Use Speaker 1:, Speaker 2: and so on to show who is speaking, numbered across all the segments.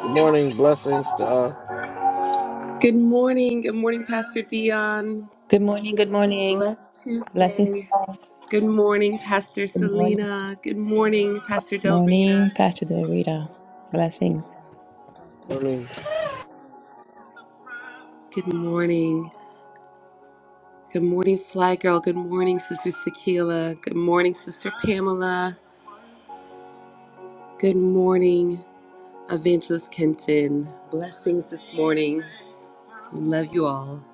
Speaker 1: Good morning. Blessings to all.
Speaker 2: Good morning. Good morning, Pastor Dion.
Speaker 3: Good morning, good morning.
Speaker 2: Blessed
Speaker 3: Blessings.
Speaker 2: Tuesday. Good morning, Pastor
Speaker 3: Good morning.
Speaker 2: Selena. Good morning, Pastor Del
Speaker 3: Morning,
Speaker 2: Rita.
Speaker 3: Pastor Del Rita. Blessings.
Speaker 1: Morning.
Speaker 2: morning. Good morning, Fly Girl. Good morning, Sister Sakila. Good morning, Sister. Good morning, Evangelist Kenton. Blessings. Love you all.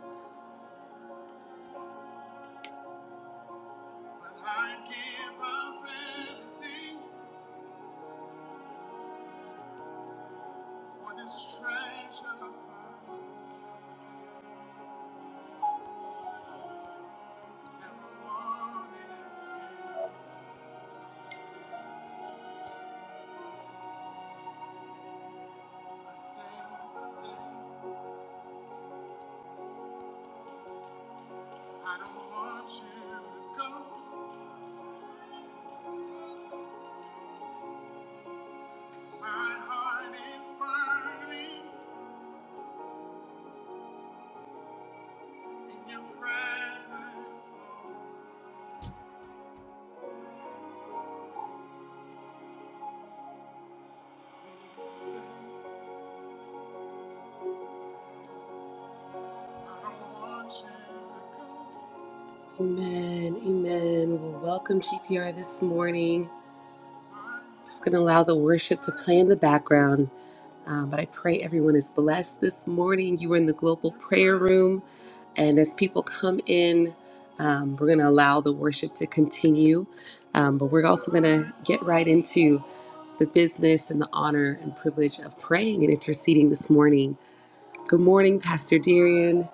Speaker 2: Amen. Amen. Well, welcome, GPR, this morning. Just going to allow the word in the background. Um, but I pray everyone is blessed this morning. You are in the global prayer room. And as people come in, um, we're going to allow the worship to continue. Um, but we're also going to get right into the business and the honor and privilege of praying and interceding this morning. Good morning, Pastor Darian.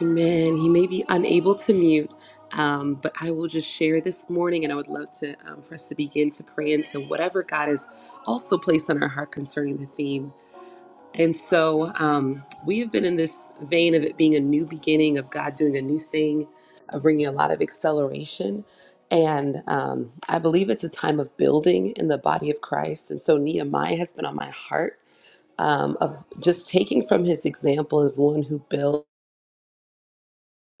Speaker 2: Amen. He may be unable to mute, um, but I will just share this morning, and I would love to um, for us to begin to pray into whatever God has also placed on our heart concerning the theme. And so um, we have been in this vein of it being a new beginning, of God doing a new thing, of bringing a lot of acceleration. And um, I believe it's a time of building in the body of Christ. And so Nehemiah has been on my heart um, of just taking from his example as one who built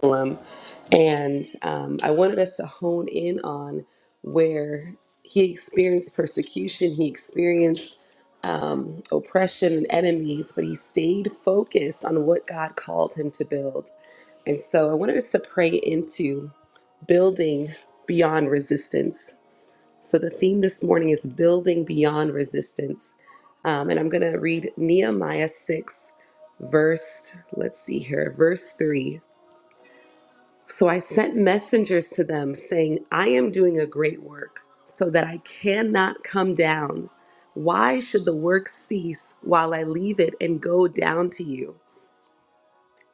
Speaker 2: curriculum. And um, I wanted us to hone in on where he experienced persecution, he experienced um, oppression and enemies, but he stayed focused on what God called him to build. And so I wanted us to pray into building beyond resistance. So the theme this morning is building beyond resistance. Um, and I'm going to read Nehemiah 6, verse, let's see here, verse 3. So I sent messengers to them saying, I am doing a great work so that I cannot come down. Why should the work cease while I leave it and go down to you?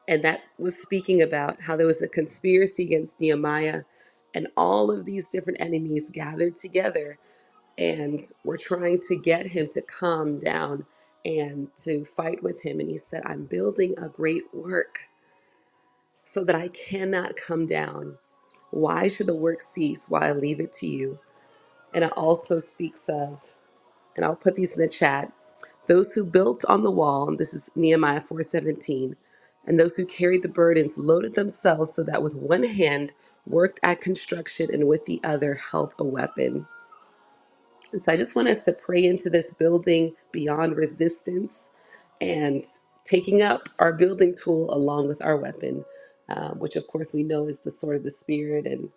Speaker 2: And that was speaking about how there was a conspiracy against Nehemiah, and all of these different enemies gathered together and were trying to get him to calm down and to fight with him. And he said, I'm building a great work so that I cannot come down. Why should the work cease while I leave it to you? And it also speaks of, and I'll put these in the chat, those who built on the wall, and this is Nehemiah 4:17, and those who carried the burdens loaded themselves so that with one hand worked at construction and with the other held a weapon. And so I just want us to pray into this building beyond resistance and taking up our building tool along with our weapon, um, which of course we know is the sword of the spirit and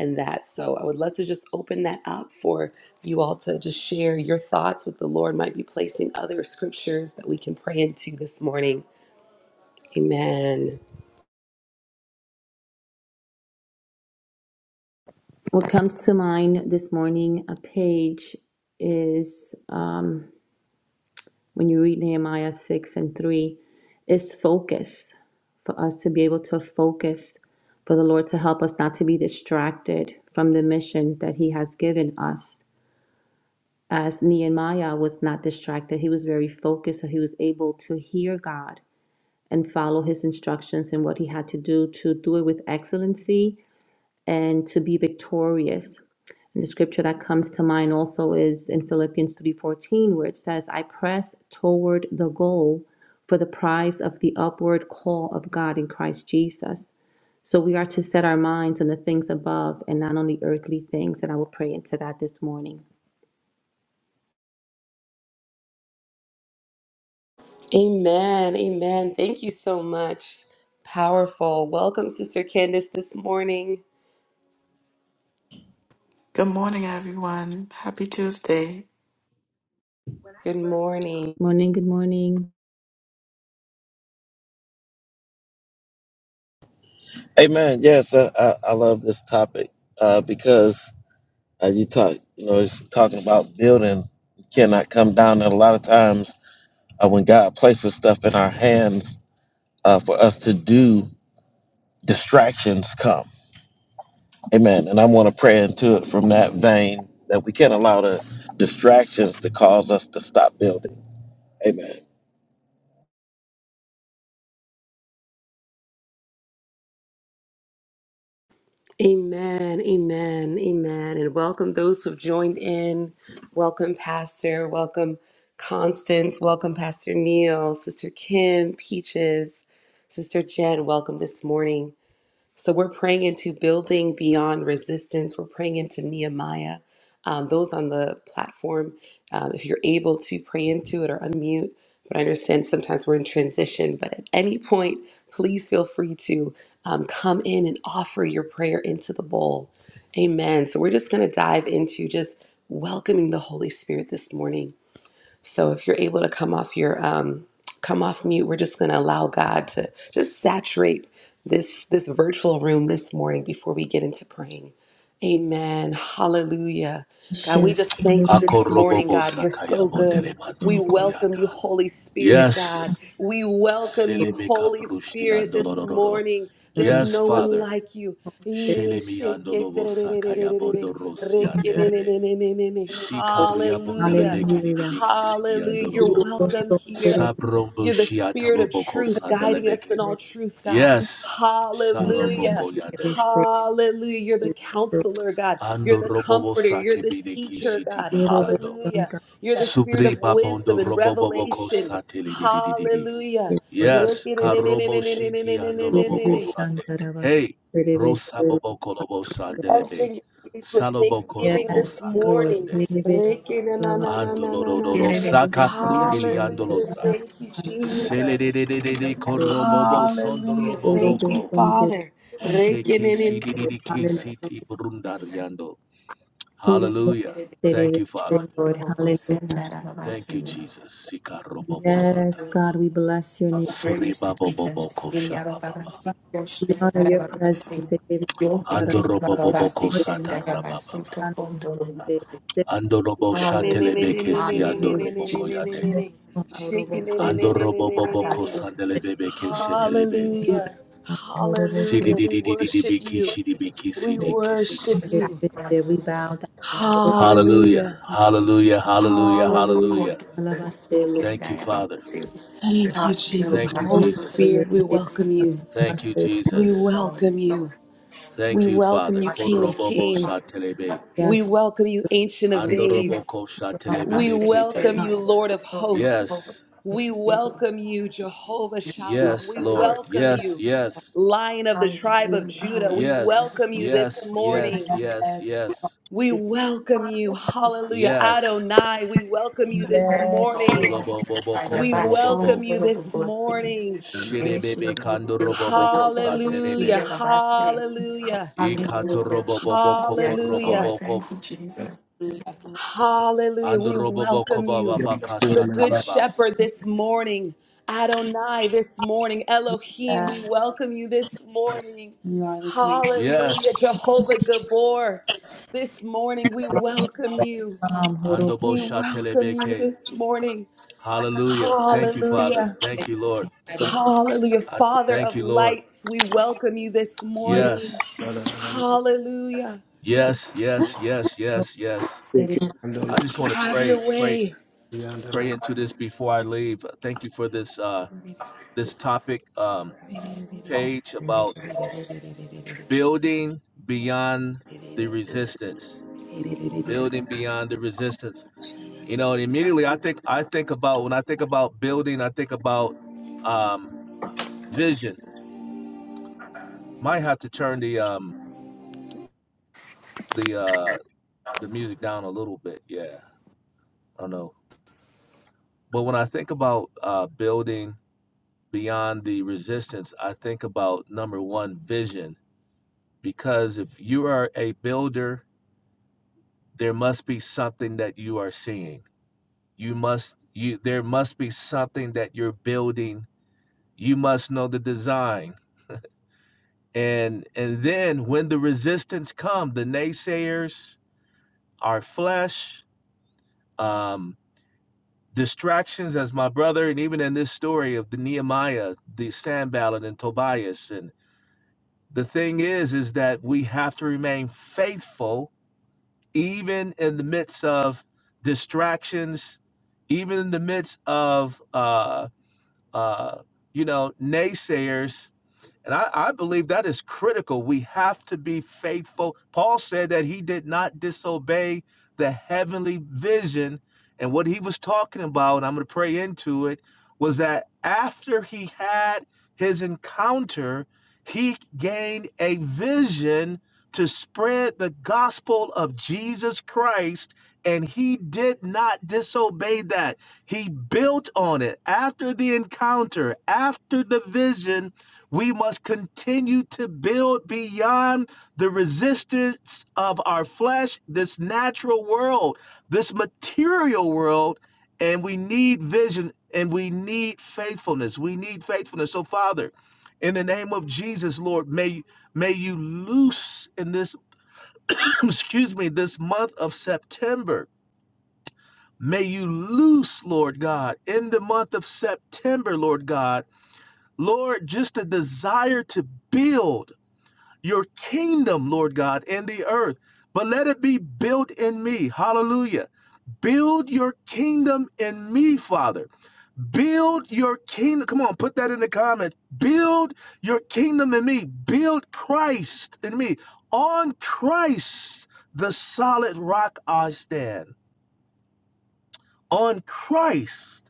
Speaker 2: and that. So I would love to just open that up for you all to just share your thoughts with the Lord might be placing other scriptures that we can pray into this morning. Amen.
Speaker 3: What comes to mind this morning, a page is um, when you read Nehemiah 6 and 3, is focus for us to be able to focus, for the Lord to help us not to be distracted from the mission that He has given us. As Nehemiah was not distracted, he was very focused, so he was able to hear God and follow his instructions and what he had to do to do it with excellency and to be victorious. And the scripture that comes to mind also is in Philippians 3:14 where it says, "I press toward the goal for the prize of the upward call of God in Christ Jesus." So we are to set our minds on the things above and not on the earthly things, and I will pray into that this morning.
Speaker 2: Amen. Amen. Thank you so much. Powerful. Welcome, Sister Candace, this morning.
Speaker 4: Good morning, everyone. Happy Tuesday.
Speaker 2: Good morning.
Speaker 3: Morning, good morning.
Speaker 1: Amen. Yes, I, I, I love this topic uh, because uh, you talk, you know, it's talking about building You cannot come down. And a lot of times uh, when God places stuff in our hands uh, for us to do, distractions come. Amen. And I want to pray into it from that vein that we can't allow the distractions to cause us to stop building. Amen.
Speaker 2: Amen, amen, amen. And welcome those who've joined in. Welcome, Pastor. Welcome, Constance. Welcome, Pastor Neil, Sister Kim, Peaches, Sister Jen. Welcome this morning. So we're praying into building beyond resistance. We're praying into Nehemiah. Um, those on the platform, um, if you're able to pray into it or unmute, but I understand sometimes we're in transition, but at any point, please feel free to um, come in and offer your prayer into the bowl. Amen. So we're just going to dive into just welcoming the Holy Spirit this morning so if you're able to come off your um, come off mute, we're just going to allow God to just saturate this this virtual room this morning before we get into praying. Amen. Hallelujah. God, we just thank you this morning,
Speaker 5: Akorobobo
Speaker 2: God. You're
Speaker 5: sakaya
Speaker 2: so
Speaker 5: botele
Speaker 2: good. We
Speaker 5: bandolo
Speaker 2: welcome you,
Speaker 5: koyata.
Speaker 2: Holy Spirit, God.
Speaker 5: Yes.
Speaker 2: We welcome you,
Speaker 5: Selebe
Speaker 2: Holy
Speaker 5: kaprushti
Speaker 2: Spirit, this
Speaker 5: andolororo.
Speaker 2: morning. There's
Speaker 5: Yes,
Speaker 2: no one
Speaker 5: Father.
Speaker 2: like you.
Speaker 5: Shelemi andolobo sakaya bondorosi andelebe. Sikaria
Speaker 2: Hallelujah.
Speaker 5: bondelebe
Speaker 3: Hallelujah.
Speaker 5: kididibiki sidi
Speaker 2: Hallelujah. You're
Speaker 5: andolobo.
Speaker 2: welcome here.
Speaker 5: Sabrombo
Speaker 2: You're the
Speaker 5: shiata
Speaker 2: spirit of
Speaker 5: loboko
Speaker 2: truth guiding us in
Speaker 5: sandelebeke.
Speaker 2: all truth, God.
Speaker 5: Yes.
Speaker 2: Hallelujah.
Speaker 5: Shaloboko yande.
Speaker 3: Reveshe
Speaker 2: Hallelujah. You're the counselor, God. You're the
Speaker 5: Andorobobo
Speaker 2: comforter. You're the
Speaker 5: sakebide
Speaker 2: teacher,
Speaker 5: kishiti
Speaker 2: God.
Speaker 3: Urobo
Speaker 5: bisando.
Speaker 2: Hallelujah.
Speaker 3: Santa
Speaker 2: You're the spirit
Speaker 5: Subri
Speaker 2: of wisdom
Speaker 5: babondo
Speaker 2: and
Speaker 5: robobobo
Speaker 2: revelation.
Speaker 5: kosatili
Speaker 2: Hallelujah.
Speaker 5: Yes, Karobo Shiti Andoloboko Sande.
Speaker 3: Vashantaravas
Speaker 5: Hey,
Speaker 3: Reveshe
Speaker 5: Rosaboboko Lobo Sandelebe.
Speaker 2: Entering your faith with
Speaker 5: Saloboko
Speaker 2: thanksgiving
Speaker 5: Robo
Speaker 3: Yes
Speaker 2: this
Speaker 3: Lord
Speaker 2: morning,
Speaker 5: Sakayande.
Speaker 3: Reveshe
Speaker 2: breaking and and
Speaker 3: Lavasanante
Speaker 2: and and and and and
Speaker 4: Here
Speaker 5: Andoloro
Speaker 2: and,
Speaker 4: it is
Speaker 5: Saka
Speaker 4: again for your
Speaker 5: Prundili
Speaker 4: show.
Speaker 2: Hallelujah!
Speaker 5: Andolosa.
Speaker 2: Thank you, Jesus.
Speaker 5: Seledededede Korobobo
Speaker 2: Hallelujah! Thank
Speaker 3: Urobo
Speaker 2: you,
Speaker 5: Sondoroboboko.
Speaker 3: Santa
Speaker 2: Father.
Speaker 3: Vashantaravas
Speaker 2: Breaking
Speaker 5: Sheki
Speaker 2: and and
Speaker 5: Sidididi Kisiti
Speaker 3: Hallelujah
Speaker 5: Brundariando.
Speaker 3: Urobo
Speaker 5: Hallelujah. Thank you,
Speaker 3: Reveshe
Speaker 5: Father.
Speaker 3: Lord Hallelujah
Speaker 5: Thank you, Jesus. Sika Robobo Santa.
Speaker 3: Yes God we bless your name
Speaker 4: Oh, Praise you,
Speaker 5: Suriba
Speaker 4: Jesus.
Speaker 5: Boboko Shababa.
Speaker 4: Iriababasa,
Speaker 3: we honor your presence
Speaker 4: yoshindarababasi.
Speaker 3: Reveshe
Speaker 4: Yoketirababasi,
Speaker 5: Andoroboboko
Speaker 3: Santaravas
Speaker 5: satarababa.
Speaker 4: shindarabaso,
Speaker 3: Reveshe
Speaker 4: tokondorobasi.
Speaker 5: Andorobo
Speaker 2: and and and
Speaker 4: Hallelujah,
Speaker 2: and and
Speaker 5: shatelebeke si
Speaker 4: hallelujah,
Speaker 2: and
Speaker 5: andoroboko
Speaker 2: and
Speaker 4: Jesus.
Speaker 5: yade.
Speaker 2: and and,
Speaker 3: Horobo
Speaker 2: shaking
Speaker 4: Thank
Speaker 2: and and and
Speaker 3: Santa
Speaker 2: and and and and and and
Speaker 5: Andoroboboko
Speaker 2: and,
Speaker 4: you,
Speaker 5: sandelebebeke
Speaker 4: Jesus.
Speaker 5: shetelebe.
Speaker 2: Hallelujah!
Speaker 3: Horobo
Speaker 2: Hallelujah!
Speaker 3: Santa
Speaker 2: We worship
Speaker 5: Sididididididibiki
Speaker 2: you.
Speaker 5: shidibiki sidiki
Speaker 2: We
Speaker 5: sidi.
Speaker 2: worship
Speaker 5: kisiti.
Speaker 2: you.
Speaker 3: We bow down.
Speaker 5: Hallelujah.
Speaker 2: Hallelujah!
Speaker 5: Hallelujah. Hallelujah.
Speaker 2: Hallelujah!
Speaker 5: Hallelujah. Thank you, Father.
Speaker 2: Thank you, Jesus.
Speaker 5: Thank you,
Speaker 2: Holy
Speaker 5: Jesus.
Speaker 2: Spirit, we welcome you.
Speaker 5: Thank you,
Speaker 2: We
Speaker 5: Jesus.
Speaker 2: welcome you.
Speaker 5: Thank
Speaker 2: We
Speaker 5: you,
Speaker 2: welcome
Speaker 5: Father.
Speaker 2: you, King of
Speaker 5: Korobobo
Speaker 2: Kings.
Speaker 5: satelebe.
Speaker 2: We
Speaker 3: Yes. Yes.
Speaker 2: welcome you, Ancient of Days.
Speaker 5: Andoroboko
Speaker 2: We
Speaker 5: shatelebebeke
Speaker 2: welcome
Speaker 5: tede.
Speaker 2: you, Lord of Hosts.
Speaker 5: Yes.
Speaker 2: We welcome you, Jehovah Shalom.
Speaker 5: Yes,
Speaker 2: We
Speaker 5: Lord.
Speaker 2: welcome
Speaker 5: Yes,
Speaker 2: you,
Speaker 5: yes,
Speaker 2: Lion of the tribe of Judah. We
Speaker 5: yes,
Speaker 2: welcome you this
Speaker 5: yes, yes,
Speaker 2: morning.
Speaker 5: yes,
Speaker 3: Yes.
Speaker 5: yes,
Speaker 2: We welcome you. Hallelujah.
Speaker 5: yes.
Speaker 2: Adonai, we welcome you
Speaker 3: Hallelujah.
Speaker 2: this morning.
Speaker 5: Sholobo bobo
Speaker 2: We
Speaker 5: koto
Speaker 2: welcome
Speaker 5: robobo.
Speaker 2: you this
Speaker 4: I'm not sure.
Speaker 2: morning.
Speaker 6: Amen.
Speaker 4: Hallelujah,
Speaker 5: Shidebebe kando robobo kosantelebe.
Speaker 2: Hallelujah. Hallelujah.
Speaker 5: Ikato robobo
Speaker 4: Jesus.
Speaker 5: kopo
Speaker 4: Yes, Lord.
Speaker 2: Hallelujah.
Speaker 5: robobo ko.
Speaker 4: Thank you, Jesus.
Speaker 2: Hallelujah.
Speaker 5: Ando
Speaker 2: We
Speaker 5: robobo
Speaker 2: welcome
Speaker 5: kobaba
Speaker 2: you, the
Speaker 5: bakasha
Speaker 6: Hallelujah,
Speaker 2: Good
Speaker 5: talaba.
Speaker 2: Shepherd, this morning. Adonai, this morning. Elohim, we welcome you this morning.
Speaker 3: You are the great
Speaker 2: Hallelujah.
Speaker 5: Yes.
Speaker 2: Jehovah Gabor, this morning we welcome you.
Speaker 3: um Horo
Speaker 5: Ando bo
Speaker 2: We welcome you
Speaker 5: shatelebeke.
Speaker 2: this morning.
Speaker 5: Hallelujah. Thank you, Father.
Speaker 2: Hallelujah.
Speaker 5: Thank you, Lord.
Speaker 3: guide us.
Speaker 2: Hallelujah.
Speaker 5: I
Speaker 2: Father
Speaker 5: thank
Speaker 2: of
Speaker 5: you, Lord.
Speaker 2: lights, we welcome you this
Speaker 3: Lead
Speaker 2: morning.
Speaker 5: Yes.
Speaker 2: Hallelujah.
Speaker 5: Yes, yes, yes, yes, yes.
Speaker 3: us.
Speaker 5: I just want to
Speaker 2: Have
Speaker 5: pray,
Speaker 2: your
Speaker 5: pray,
Speaker 2: way.
Speaker 5: pray into this before I leave. Thank you for this uh, this topic um, page about building beyond the resistance. Building beyond the resistance. You know, and immediately I think I think about when I think about building, I think about um, vision. Might have to turn the um, the uh, the music down a little bit. Yeah, I don't know. But when I think about uh, building beyond the resistance, I think about number one, vision Because if you are a builder, there must be something that you are seeing. You must you there must be something that you're building. You must know the design. And and then when the resistance come, the naysayers, our flesh, um, distractions as my brother, and even in this story of the Nehemiah, the Sanballat and Tobias. And the thing is, is that we have to remain faithful even in the midst of distractions, even in the midst of uh, uh, you know naysayers, and I, I believe that is critical. We have to be faithful. Paul said that he did not disobey the heavenly vision. And what he was talking about, and I'm going to pray into it, was that after he had his encounter, he gained a vision to spread the gospel of Jesus Christ. And he did not disobey that. He built on it after the encounter, after the vision we must continue to build beyond the resistance of our flesh, this natural world, this material world, and we need vision and we need faithfulness. We need faithfulness. So, Father, in the name of Jesus, Lord, may may you loose in this excuse me, this month of September. May you loose, Lord God, in the month of September, Lord God, Lord, just a desire to build your kingdom, Lord God, in the earth. But let it be built in me. Hallelujah. Build your kingdom in me, Father. Build your kingdom. Come on, put that in the comment. Build your kingdom in me. Build Christ in me. On Christ, the solid rock I stand. On Christ,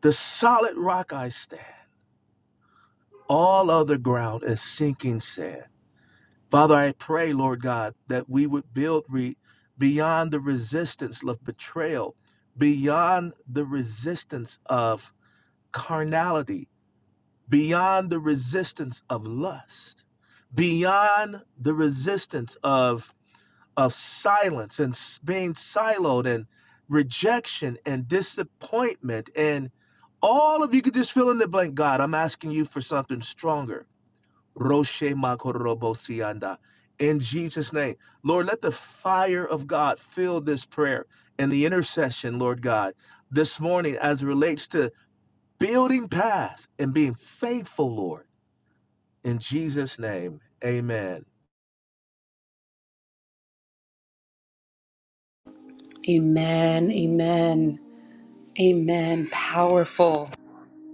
Speaker 5: the solid rock I stand. All other ground is sinking sand. Father, I pray, Lord God, that we would build re- beyond the resistance of betrayal, beyond the resistance of carnality, beyond the resistance of lust, beyond the resistance of, of silence and s- being siloed and rejection and disappointment and all of you could just fill in the blank. God, I'm asking you for something stronger Roshe Makorobosianda. In Jesus' name, Lord, let the fire of God fill this prayer and the intercession, Lord God, this morning as it relates to building paths and being faithful, Lord. In Jesus' name, amen.
Speaker 2: Amen. Powerful.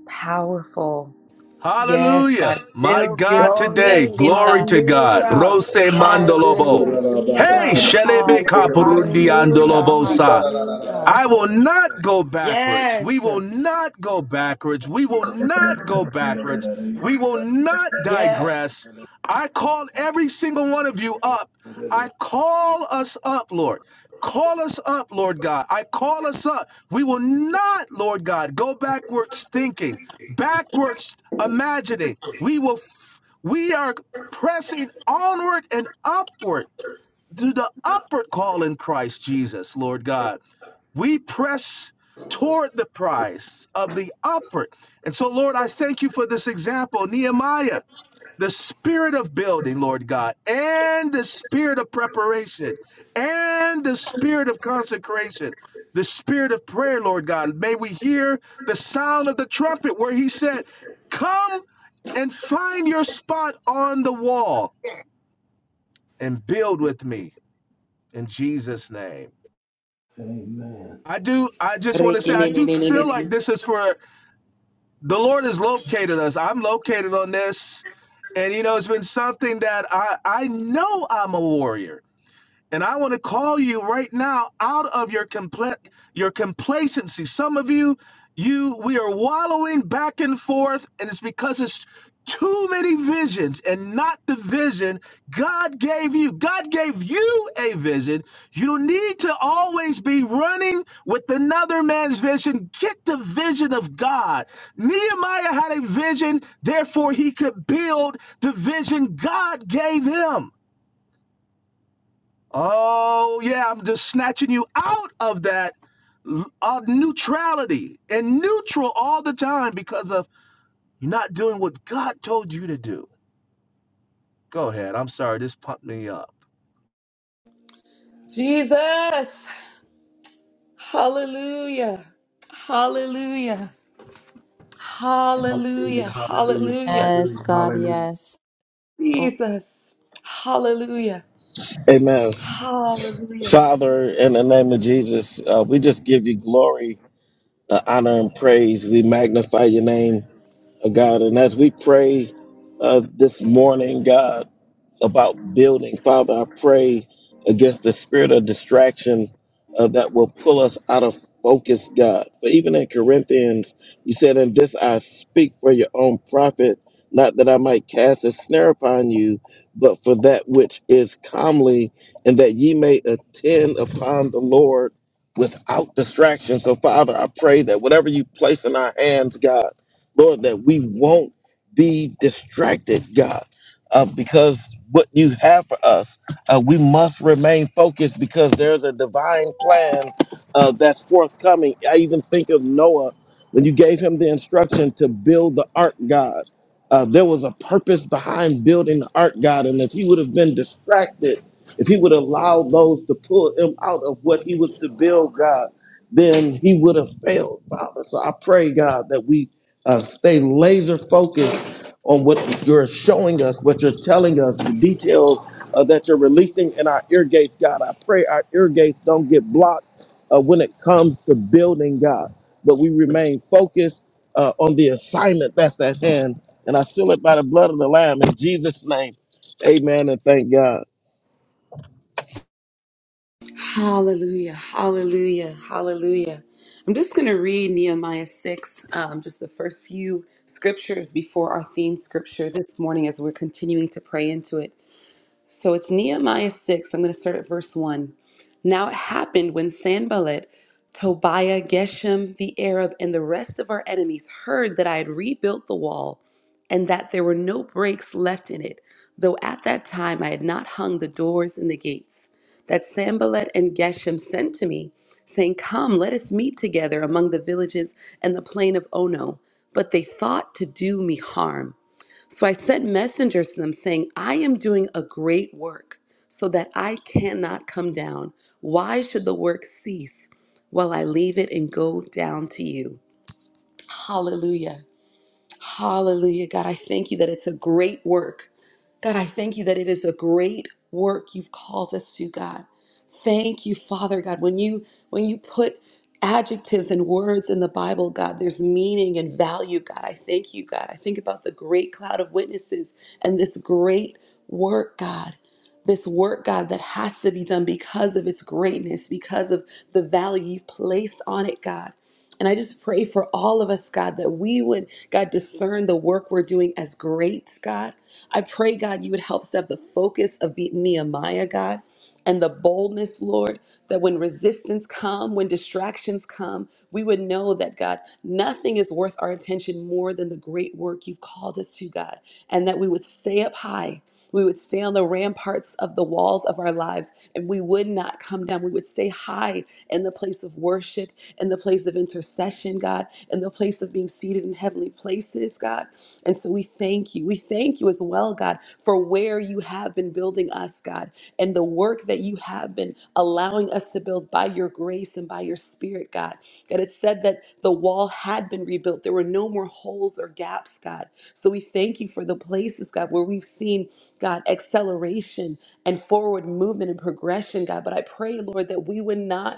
Speaker 2: Powerful. Yes,
Speaker 5: Hallelujah.
Speaker 2: God,
Speaker 5: My
Speaker 2: build your
Speaker 5: God,
Speaker 2: kingdom
Speaker 5: today,
Speaker 4: Glory.
Speaker 2: in
Speaker 5: glory to
Speaker 2: us.
Speaker 5: God.
Speaker 4: Hallelujah.
Speaker 5: Rose
Speaker 4: Yes, thank
Speaker 5: Mandolobo.
Speaker 2: Hallelujah.
Speaker 4: you,
Speaker 5: Hey,
Speaker 4: Jesus.
Speaker 5: Shelebe
Speaker 4: Hallelujah.
Speaker 5: Kapurundiandolobosa.
Speaker 4: Hallelujah.
Speaker 5: I will not go backwards. We
Speaker 4: Yes.
Speaker 5: will not go backwards. We will not go backwards. We will not digress.
Speaker 4: Yes.
Speaker 5: I call every single one of you up. I call us up, Lord. Call us up, Lord God. I call us up. We will not, Lord God, go backwards thinking, backwards imagining. We will f- we are pressing onward and upward to the upward call in Christ Jesus, Lord God. We press toward the prize of the upward. And so, Lord, I thank you for this example, Nehemiah, the spirit of building, Lord God, and the spirit of preparation, and the spirit of consecration, the spirit of prayer, Lord God. May we hear the sound of the trumpet where he said, Come and find your spot on the wall and build with me in Jesus' name. I do, I just want to say, I do feel
Speaker 2: Hallelujah.
Speaker 5: like this is for the Lord has located us. I'm located on this. And you know, it's been something that I I know I'm a warrior. And I want to call you right now out of your compla- your complacency. Some of you, you we are wallowing back and forth, and it's because it's too many visions and not the vision God gave you. God gave you a vision. You don't need to always be running with another man's vision. Get the vision of God. Nehemiah had a vision, therefore he could build the vision God gave him. Oh, yeah, I'm just snatching you out of that l- uh, neutrality and neutral all the time because of you're not doing what God told you to do. Go ahead. I'm sorry. This pumped me up.
Speaker 2: Jesus. Hallelujah. Hallelujah. Hallelujah.
Speaker 6: hallelujah, hallelujah,
Speaker 2: Hallelujah.
Speaker 3: Yes,
Speaker 6: hallelujah. Hallelujah.
Speaker 3: God,
Speaker 6: hallelujah.
Speaker 3: yes.
Speaker 2: Jesus. Hallelujah.
Speaker 1: Amen.
Speaker 2: Hallelujah.
Speaker 1: Father, in the name of Jesus, uh, we just give you glory uh, honor and praise. We magnify your name uh, God. And as we pray uh, this morning, God, about building, Father, I pray against the spirit of distraction uh, that will pull us out of focus, God. But even in Corinthians, you said, In this I speak for your own profit, not that I might cast a snare upon you, but for that which is comely, and that ye may attend upon the Lord without distraction. So, Father, I pray that whatever you place in our hands, God, Lord, that we won't be distracted, God, uh, because what you have for us, uh, we must remain focused because there's a divine plan uh, that's forthcoming. I even think of Noah when you gave him the instruction to build the ark, God. Uh, there was a purpose behind building the ark, God, and if he would have been distracted, if he would allow those to pull him out of what he was to build, God, then he would have failed, Father. So I pray, God, that we uh, stay laser focused on what you're showing us, what you're telling us, the details uh, that you're releasing in our ear gates, God. I pray our ear gates don't get blocked uh, when it comes to building, God, but we remain focused uh, on the assignment that's at hand. And I seal it by the blood of the Lamb in Jesus' name. Amen and thank God.
Speaker 2: Hallelujah, hallelujah, hallelujah. I'm just going to read Nehemiah 6, um, just the first few scriptures before our theme scripture this morning as we're continuing to pray into it. So it's Nehemiah 6. I'm going to start at verse 1. Now it happened when Sanballat, Tobiah, Geshem, the Arab, and the rest of our enemies heard that I had rebuilt the wall and that there were no breaks left in it, though at that time I had not hung the doors and the gates, that Sanballat and Geshem sent to me, saying, Come, let us meet together among the villages and the plain of Ono. But they thought to do me harm. So I sent messengers to them saying, I am doing a great work so that I cannot come down. Why should the work cease while I leave it and go down to you? Hallelujah. Hallelujah. God, I thank you that it's a great work. God, I thank you that it is a great work you've called us to, God. Thank you, Father God. When you when you put adjectives and words in the Bible, God, there's meaning and value, God. I thank you, God. I think about the great cloud of witnesses and this great work, God. This work, God, that has to be done because of its greatness, because of the value you've placed on it, God. And I just pray for all of us, God, that we would God, discern the work we're doing as great, God. I pray, God, you would help us have the focus of be- Nehemiah, God, and the boldness, Lord, that when resistance come, when distractions come, we would know that, God, nothing is worth our attention more than the great work you've called us to, God, and that we would stay up high. We would stay on the ramparts of the walls of our lives and we would not come down. We would stay high in the place of worship in the place of intercession, God, in the place of being seated in heavenly places, God. And so we thank you. We thank you as well, God, for where you have been building us, God, and the work that you have been allowing us to build by your grace and by your spirit, God. God, it said that the wall had been rebuilt. There were no more holes or gaps, God. So we thank you for the places, God, where we've seen, God, acceleration and forward movement and progression, God. But I pray, Lord, that we would not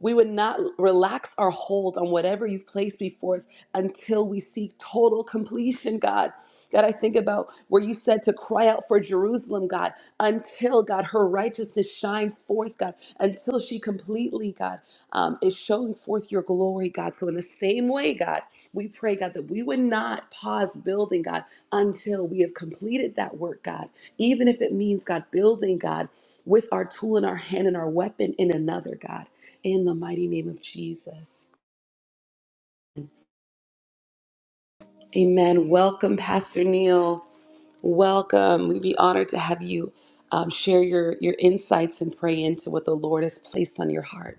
Speaker 2: we would not relax our hold on whatever you've placed before us until we seek total completion, God. God, I think about where you said to cry out for Jerusalem, God, until, God, her righteousness shines forth, God, until she completely, God, um, is showing forth your glory, God. So, in the same way, God, we pray, God, that we would not pause building, God, until we have completed that work, God, even if it means, God, building, God, with our tool in our hand and our weapon in another, God in the mighty name of Jesus. Amen. Welcome, Pastor Neil. Welcome. We'd be honored to have you um, share your, your insights and pray into what the Lord has placed on your heart.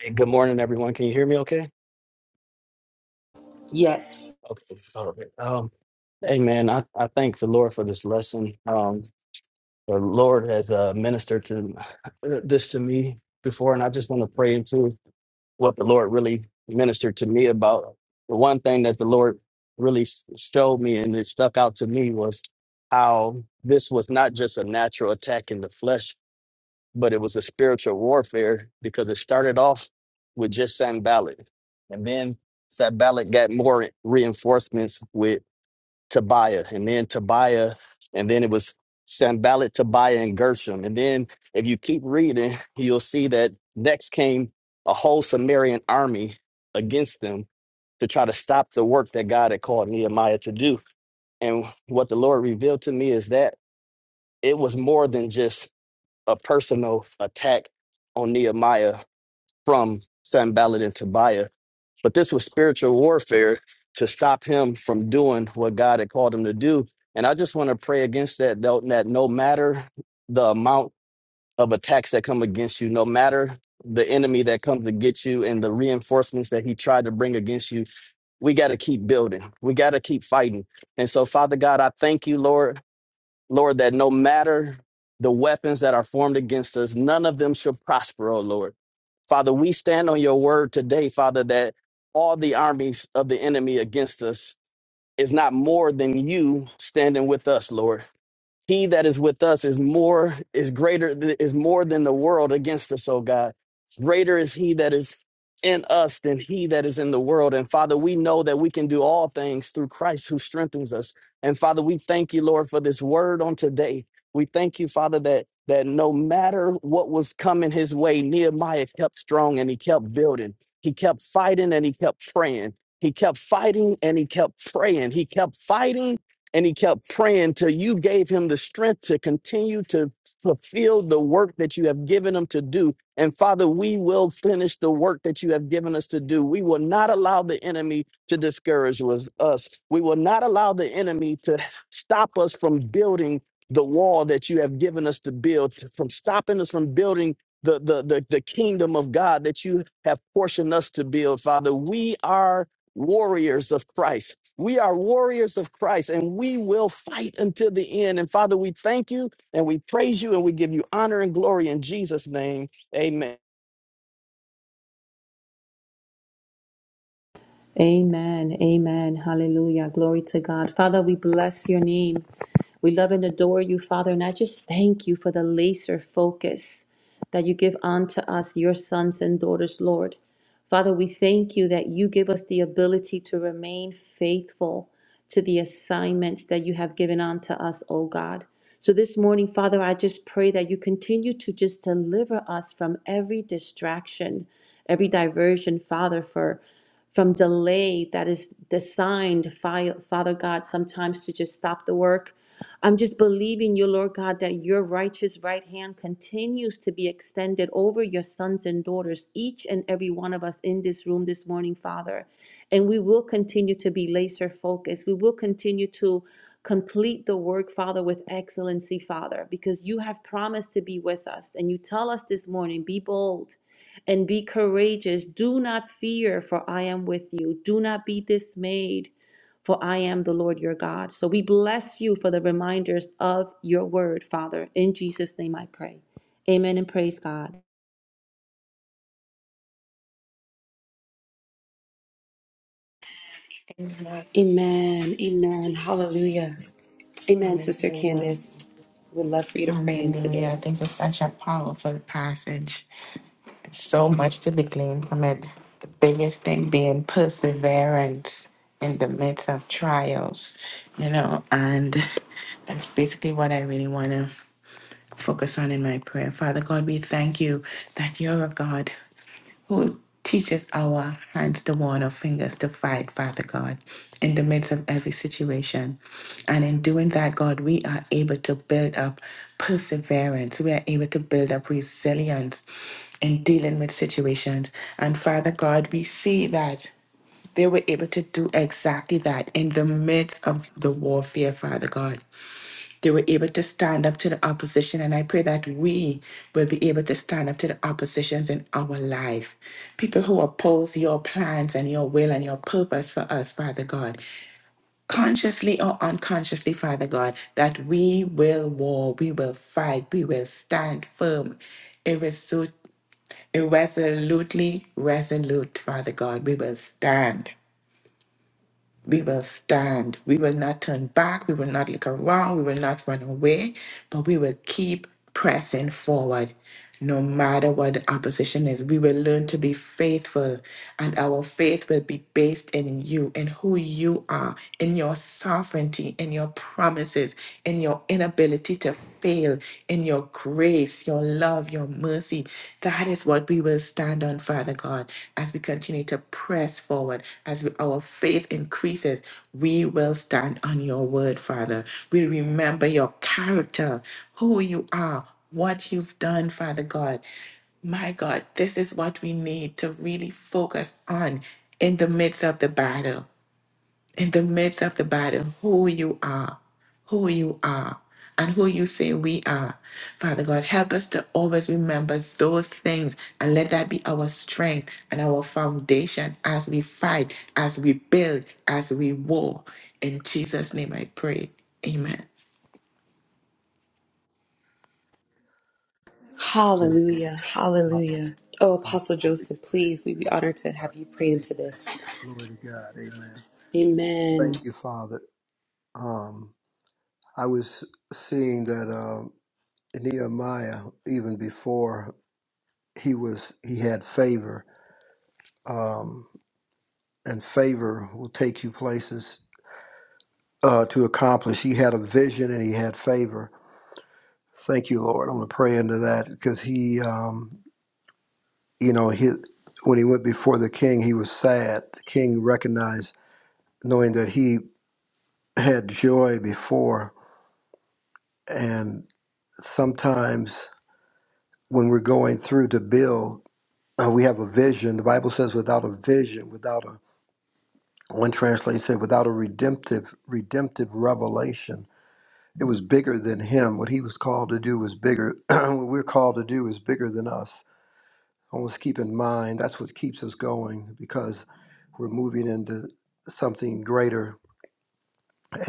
Speaker 7: Hey, good morning, everyone. Can you hear me okay?
Speaker 2: Yes.
Speaker 7: Okay. All right. Um, hey, man, I, I thank the Lord for this lesson. Um, the Lord has uh, ministered to uh, this to me before, and I just want to pray into what the Lord really ministered to me about. The one thing that the Lord really s- showed me and it stuck out to me was how this was not just a natural attack in the flesh, but it was a spiritual warfare because it started off with just Sanballat. And then Sanballat got more reinforcements with Tobiah, and then Tobiah, and then it was Sanballat, Tobiah, and Gershom. And then if you keep reading, you'll see that next came a whole Sumerian army against them to try to stop the work that God had called Nehemiah to do. And what the Lord revealed to me is that it was more than just a personal attack on Nehemiah from Sanballat and Tobiah, but this was spiritual warfare to stop him from doing what God had called him to do. And I just want to pray against that, though, that no matter the amount of attacks that come against you, no matter the enemy that comes to get you and the reinforcements that he tried to bring against you, we got to keep building. We got to keep fighting. And so, Father God, I thank you, Lord, Lord, that no matter the weapons that are formed against us, none of them shall prosper, oh Lord. Father, we stand on your word today, Father, that all the armies of the enemy against us is not more than you standing with us, Lord he that is with us is more is greater is more than the world against us oh god greater is he that is in us than he that is in the world and father we know that we can do all things through christ who strengthens us and father we thank you lord for this word on today we thank you father that that no matter what was coming his way nehemiah kept strong and he kept building he kept fighting and he kept praying he kept fighting and he kept praying he kept fighting and he kept praying till you gave him the strength to continue to fulfill the work that you have given him to do. And Father, we will finish the work that you have given us to do. We will not allow the enemy to discourage was- us. We will not allow the enemy to stop us from building the wall that you have given us to build, from stopping us from building. The, the, the, the kingdom of God that you have portioned us to build, Father. We are warriors of Christ. We are warriors of Christ and we will fight until the end. And Father, we thank you and we praise you and we give you honor and glory in Jesus' name. Amen.
Speaker 3: Amen. Amen. Hallelujah. Glory to God. Father, we bless your name. We love and adore you, Father, and I just thank you for the laser focus that you give unto us, your sons and daughters, Lord. Father, we thank you that you give us the ability to remain faithful to the assignments that you have given unto us, O God. So this morning, Father, I just pray that you continue to just deliver us from every distraction, every diversion, Father, for from delay that is designed, Fi- Father God, sometimes to just stop the work, I'm just believing you, Lord God, that your righteous right hand continues to be extended over your sons and daughters, each and every one of us in this room this morning, Father. And we will continue to be laser focused. We will continue to complete the work, Father, with excellency, Father, because you have promised to be with us. And you tell us this morning, be bold and be courageous. Do not fear, for I am with you. Do not be dismayed for I am the Lord your God. So we bless you for the reminders of your word, Father. In Jesus' name I pray. Amen and praise God.
Speaker 4: Amen.
Speaker 2: Amen. Amen. Hallelujah. Amen, Sister
Speaker 4: Hallelujah.
Speaker 2: Candace. We'd love for you to pray into
Speaker 4: Hallelujah. Thanks
Speaker 2: this.
Speaker 4: for such a powerful passage. So much to be gleaned from it. The biggest thing being perseverance in the midst of trials, you know, and that's basically what I really want to focus on in my prayer. Father God, we thank you that you're a God who teaches our hands to warn our fingers to fight, Father God, in the midst of every situation. And in doing that, God, we are able to build up perseverance. We are able to build up resilience in dealing with situations. And Father God, we see that they were able to do exactly that in the midst of the warfare, Father God they were able to stand up to the opposition. And I pray that we will be able to stand up to the oppositions in our life. People who oppose your plans and your will and your purpose for us, Father God, consciously or unconsciously, Father God, that we will war, we will fight, we will stand firm, irresolute, irresolutely resolute, Father God. We will stand. We will stand. We will not turn back. We will not look around. We will not run away, but we will keep pressing forward. No matter what the opposition is, we will learn to be faithful, and our faith will be based in you, in who you are, in your sovereignty, in your promises, in your inability to fail, in your grace, your love, your mercy. That is what we will stand on, Father God, as we continue to press forward, as we, our faith increases. We will stand on your word, Father. We remember your character, who you are, what you've done, Father God. My God, this is what we need to really focus on in the midst of the battle in the midst of the battle who you are, who you are, and who you say we are. Father God, help us to always remember those things and let that be our strength and our foundation as we fight, as we build, as we war. In Jesus' name I pray. Amen.
Speaker 2: Hallelujah. Hallelujah. Oh, Apostle Joseph, please, we'd be honored to have you pray into this.
Speaker 6: Glory to God. Amen.
Speaker 2: Amen.
Speaker 6: Thank you, Father. Um, I was seeing that um, Nehemiah, even before. he was he had favor um, and favor will take you places uh, to accomplish he had a vision and he had favor thank you lord i'm going to pray into that because he um, you know he when he went before the king he was sad the king recognized knowing that he had joy before and sometimes when we're going through to build uh, we have a vision the bible says without a vision without a One translation said, without a redemptive, redemptive revelation, it was bigger than him. What he was called to do was bigger. what we're called to do is bigger than us. Always keep in mind that's what keeps us going because we're moving into something greater.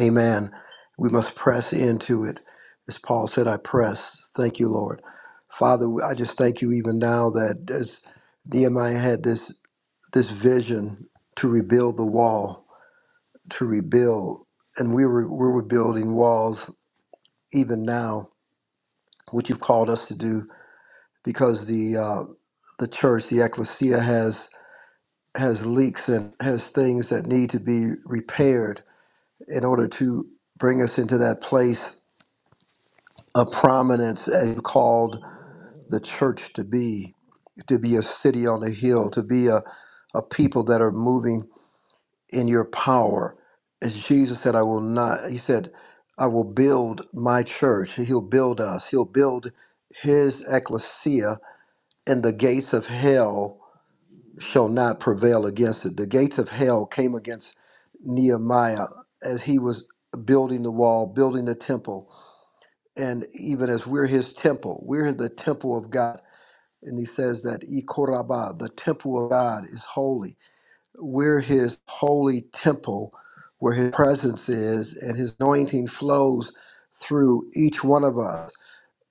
Speaker 6: Amen. We must press into it. As Paul said, I press. Thank you, Lord. Father, I just thank you even now that as Nehemiah had this this vision to rebuild the wall to rebuild. And we were, we were building walls even now, which you've called us to do, because the, uh, the church, the ecclesia, has, has leaks and has things that need to be repaired in order to bring us into that place of prominence as you called the church to be, to be a city on a hill, to be a, a people that are moving in your power. As Jesus said, I will not, he said, I will build my church. He'll build us. He'll build his ecclesia, and the gates of hell shall not prevail against it. The gates of hell came against Nehemiah as he was building the wall, building the temple. And even as we're his temple, we're the temple of God. And he says that Ikoraba, the temple of God, is holy we're his holy temple where his presence is and his anointing flows through each one of us.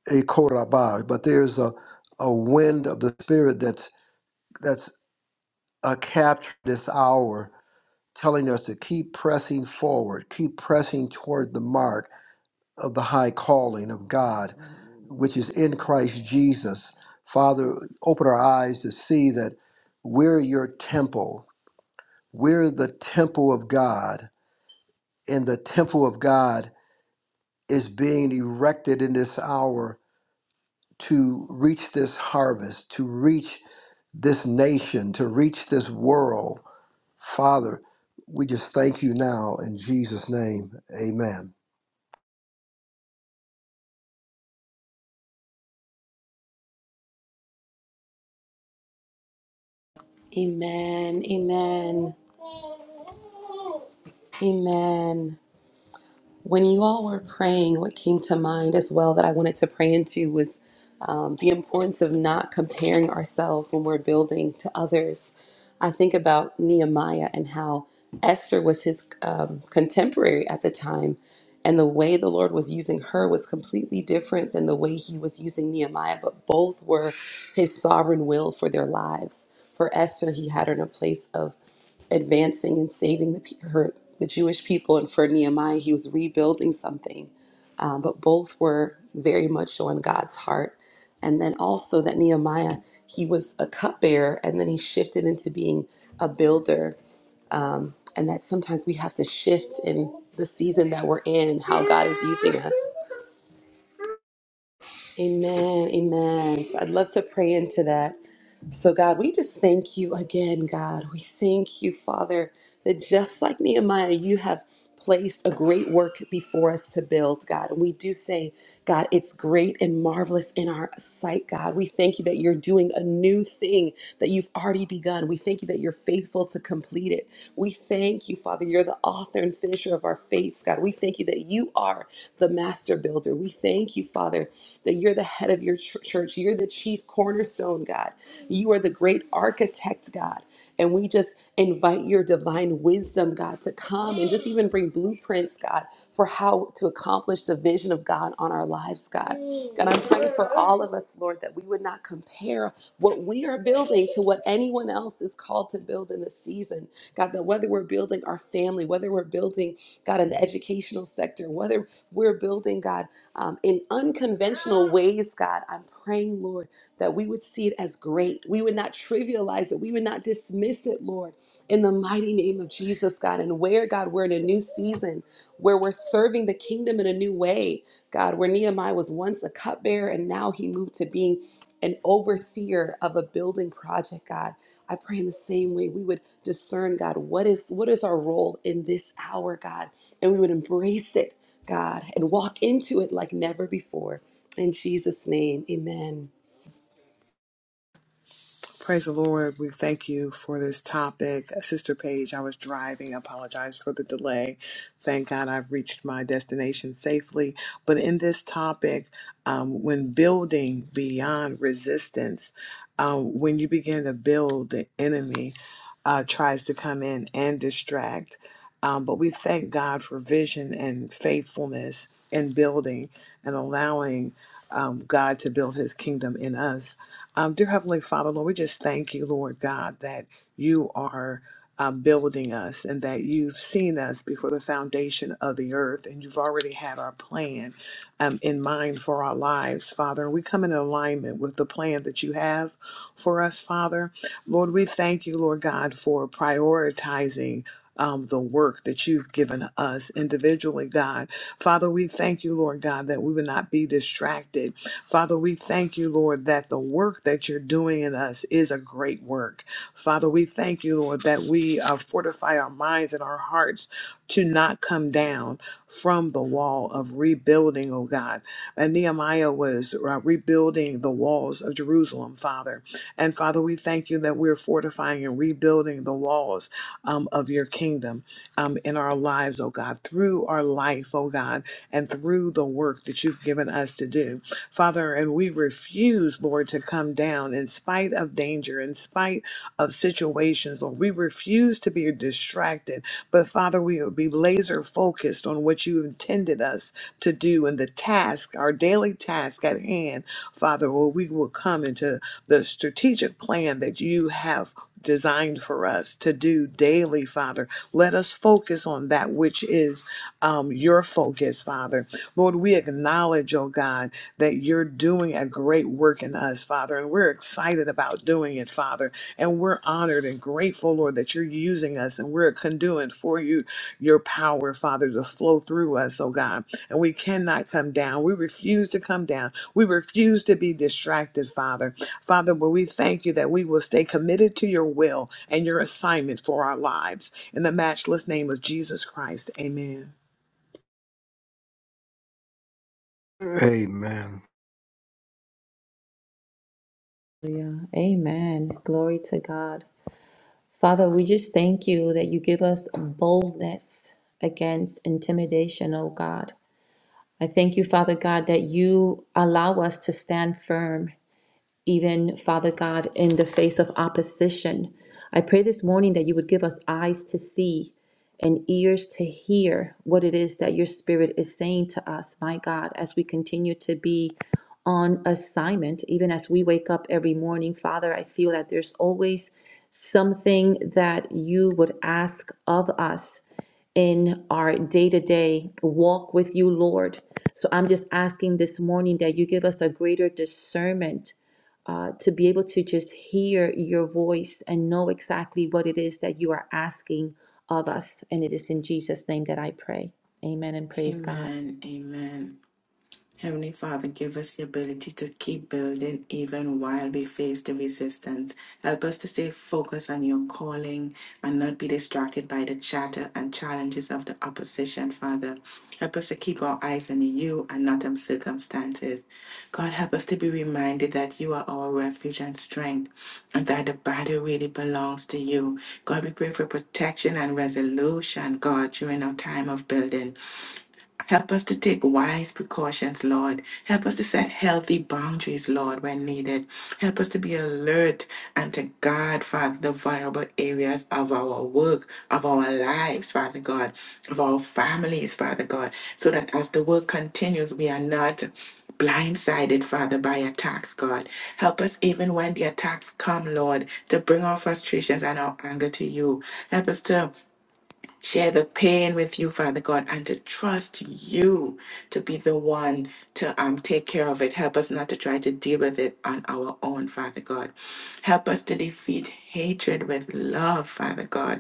Speaker 6: A korabah. But there's a, a wind of the spirit that's that's uh, captured this hour, telling us to keep pressing forward, keep pressing toward the mark of the high calling of God, which is in Christ Jesus. Father, open our eyes to see that we're your temple. We're the temple of God and the temple of God is being erected in this hour to reach this harvest, to reach this nation, to reach this world. Father, we just thank you now in Jesus' name. Amen.
Speaker 2: Amen. Amen. Amen. When you all were praying, what came to mind as well that I wanted to pray into was um, the importance of not comparing ourselves when we're building to others. I think about Nehemiah and how Esther was his um, contemporary at the time, and the way the Lord was using her was completely different than the way he was using Nehemiah, but both were his sovereign will for their lives. For Esther, he had her in a place of advancing and saving the, pe- her, the Jewish people. And for Nehemiah, he was rebuilding something. Um, but both were very much on God's heart. And then also that Nehemiah, he was a cupbearer and then he shifted into being a builder. Um, and that sometimes we have to shift in the season that we're in and how God is using us. Amen. Amen. So I'd love to pray into that. So, God, we just thank you again, God. We thank you, Father, that just like Nehemiah, you have placed a great work before us to build, God. And we do say, God, it's great and marvelous in our sight, God. We thank you that you're doing a new thing that you've already begun. We thank you that you're faithful to complete it. We thank you, Father, you're the author and finisher of our faiths, God. We thank you that you are the master builder. We thank you, Father, that you're the head of your ch- church. You're the chief cornerstone, God. You are the great architect, God. And we just invite your divine wisdom, God, to come and just even bring blueprints, God, for how to accomplish the vision of God on our lives, God. God all of us, Lord, that we would not compare what we are building to what anyone else is called to build in this season. God, that whether we're building our family, whether we're building, God, in the educational sector, whether we're building, God, um, in unconventional ways, God, I'm praying, Lord, that we would see it as great. We would not trivialize it. We would not dismiss it, Lord, in the mighty name of Jesus, God. And where, God, we're in a new season where we're serving the kingdom in a new way, God, where Nehemiah was once a cupbearer and now he moved to being an overseer of a building project, God. I pray in the same way we would discern god what is what is our role in this hour god and we would embrace it god and walk into it like never before in jesus name amen
Speaker 8: Praise the Lord. We thank you for this topic. Sister Paige, I was driving. I apologize for the delay. Thank God I've reached my destination safely. But in this topic, um, when building beyond resistance, um, when you begin to build, the enemy uh, tries to come in and distract. Um, but we thank God for vision and faithfulness in building and allowing um, God to build his kingdom in us um, dear Heavenly Father, Lord, we just thank you, Lord God, that you are um, building us and that you've seen us before the foundation of the earth and you've already had our plan um, in mind for our lives, Father. And we come in alignment with the plan that you have for us, Father. Lord, we thank you, Lord God, for prioritizing. Um, the work that you've given us individually, God. Father, we thank you, Lord God, that we would not be distracted Father, we thank you, Lord, that the work that you're doing in us is a great work. Father, we thank you, Lord, that we uh, fortify our minds and our hearts to not come down from the wall of rebuilding, oh God. And Nehemiah was uh, rebuilding the walls of Jerusalem, Father. And Father, we thank you that we're fortifying and rebuilding the walls um, of your kingdom um, in our lives, oh God, through our life, oh God, and through the work that you've given us to do. Father, and we refuse, Lord, to come down in spite of danger, in spite of situations, Lord. We refuse to be distracted, but Father, we will be laser focused on what you intended us to do and the task, our daily task at hand, Father, where we will come into the strategic plan that you have designed for us to do daily, Father. Let us focus on that which is um, your focus, Father. Lord, we acknowledge, oh God that you're doing a great work in us, Father, and we're excited about doing it, Father, and we're honored and grateful, Lord, that you're using us and we're a conduit for you, your power, Father, to flow through us, oh God. And we cannot come down. We refuse to come down. We refuse to be distracted, Father. Father, but we thank you that we will stay committed to your will and your assignment for our lives. In the matchless name of Jesus Christ, amen.
Speaker 6: Amen.
Speaker 3: Hallelujah. Amen. Glory to God. Father, we just thank you that you give us boldness against intimidation, oh God. I thank you, Father God, that you allow us to stand firm even Father God, in the face of opposition. I pray this morning that you would give us eyes to see and ears to hear what it is that your spirit is saying to us, my God, as we continue to be on assignment, even as we wake up every morning. Father, I feel that there's always something that you would ask of us in our day to day walk with you, Lord. So I'm just asking this morning that you give us a greater discernment uh, to be able to just hear your voice and know exactly what it is that you are asking of us. And it is in Jesus' name that I pray. Amen and praise God.
Speaker 4: Amen. Amen. Heavenly Father, give us the ability to keep building even while we face the resistance. Help us to stay focused on your calling and not be distracted by the chatter and challenges of the opposition, Father. Help us to keep our eyes on you and not on circumstances. God, help us to be reminded that you are our refuge and strength and that the battle really belongs to you. God, we pray for protection and resolution, God, during our time of building. Help us to take wise precautions, Lord. Help us to set healthy boundaries, Lord, when needed. Help us to be alert and to guard, Father, the vulnerable areas of our work, of our lives, Father God, of our families, Father God, so that as the work continues, we are not blindsided, Father, by attacks, God. Help us even when the attacks come, Lord, to bring our frustrations and our anger to you. Help us to share the pain with you, Father God, and to trust you to be the one to um, take care of it. Help us not to try to deal with it on our own, Father God. Help us to defeat hatred with love, Father God.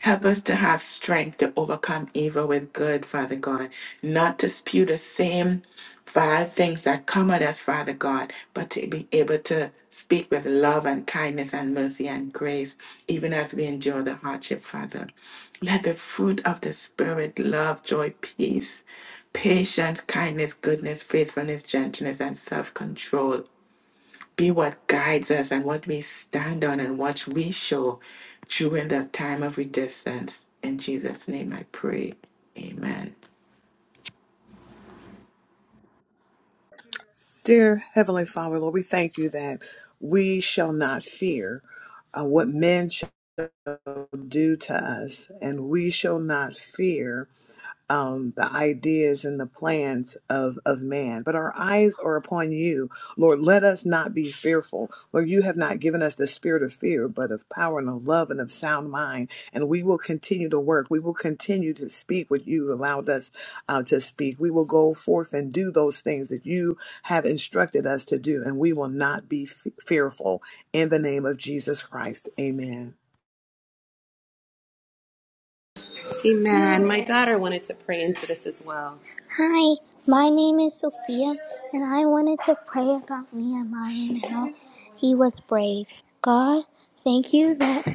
Speaker 4: Help us to have strength to overcome evil with good, Father God. Not to spew the same five things that come at us, Father God, but to be able to speak with love and kindness and mercy and grace, even as we endure the hardship, Father. Let the fruit of the Spirit, love, joy, peace, patience, kindness, goodness, faithfulness, gentleness, and self control be what guides us and what we stand on and what we show during the time of resistance. In Jesus' name I pray. Amen.
Speaker 8: Dear Heavenly Father, Lord, we thank you that we shall not fear uh, what men shall do to us, and we shall not fear um, the ideas and the plans of, of man. But our eyes are upon you. Lord, let us not be fearful. Lord, you have not given us the spirit of fear, but of power and of love and of sound mind. And we will continue to work. We will continue to speak what you allowed us uh, to speak. We will go forth and do those things that you have instructed us to do. And we will not be f- fearful. In the name of Jesus Christ, amen.
Speaker 2: amen my daughter wanted to pray into this as well hi my name is sophia and i wanted to pray about nehemiah and how he was brave god thank you that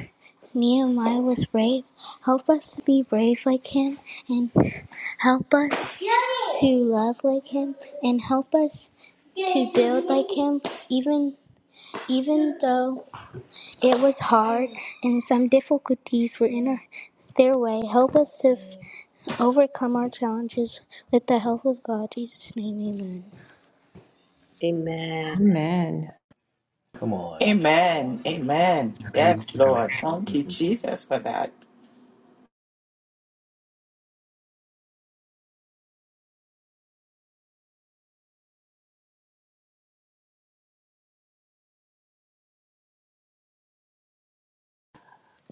Speaker 2: nehemiah was brave help us to be brave like him and help us to love like him and help us to build like him even even though it was hard and some difficulties were in our, their way help us to f- overcome our challenges with the help of god In jesus name amen
Speaker 3: Amen.
Speaker 5: Come on. That's
Speaker 4: Amen.
Speaker 5: awesome.
Speaker 4: Amen.
Speaker 6: Amen.
Speaker 4: Yes,
Speaker 6: Amen.
Speaker 4: Lord. Thank you, Jesus, for that.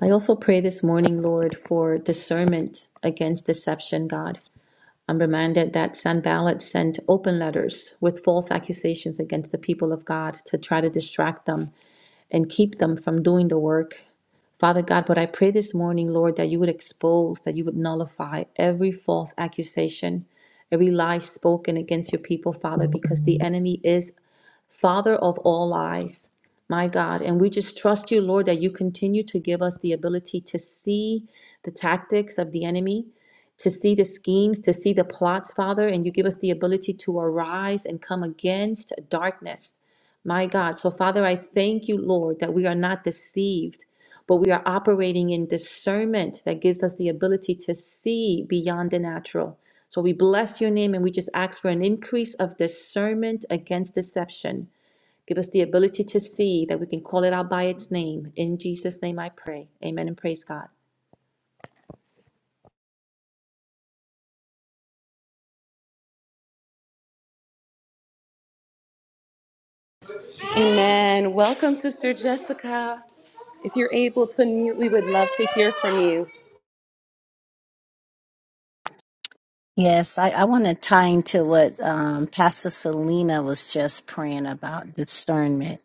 Speaker 3: I also pray this morning, Lord, for discernment against deception, God. I'm reminded that Sanballat sent open letters with false accusations against the people of God to try to distract them and keep them from doing the work. Father God, but I pray this morning, Lord, that you would expose, that you would nullify every false accusation, every lie spoken against your people, Father, because the enemy is Father of all eyes, my God. And we just trust you, Lord, that you continue to give us the ability to see the tactics of the enemy, to see the schemes, to see the plots, Father. And you give us the ability to arise and come against darkness, my God. So, Father, I thank you, Lord, that we are not deceived. But we are operating in discernment that gives us the ability to see beyond the natural. So we bless your name and we just ask for an increase of discernment against deception. Give us the ability to see that we can call it out by its name. In Jesus' name I pray. Amen and praise God.
Speaker 2: Amen. Welcome, Sister Jessica. If you're able to mute, we would love to hear from you.
Speaker 9: Yes, I, I want to tie into what um, Pastor Selena was just praying about discernment.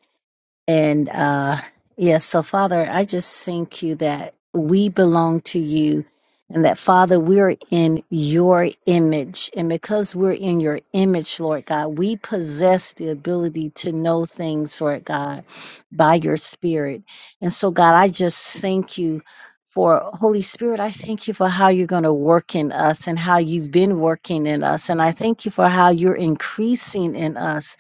Speaker 9: And uh, yes, so Father, I just thank you that we belong to you and that, Father, we're in your image. And because we're in your image, Lord God, we possess the ability to know things, Lord God, by your Spirit. And so, God, I just thank you. For Holy Spirit, I thank you for how you're going to work in us and how you've been working in us. And I thank you for how you're increasing in us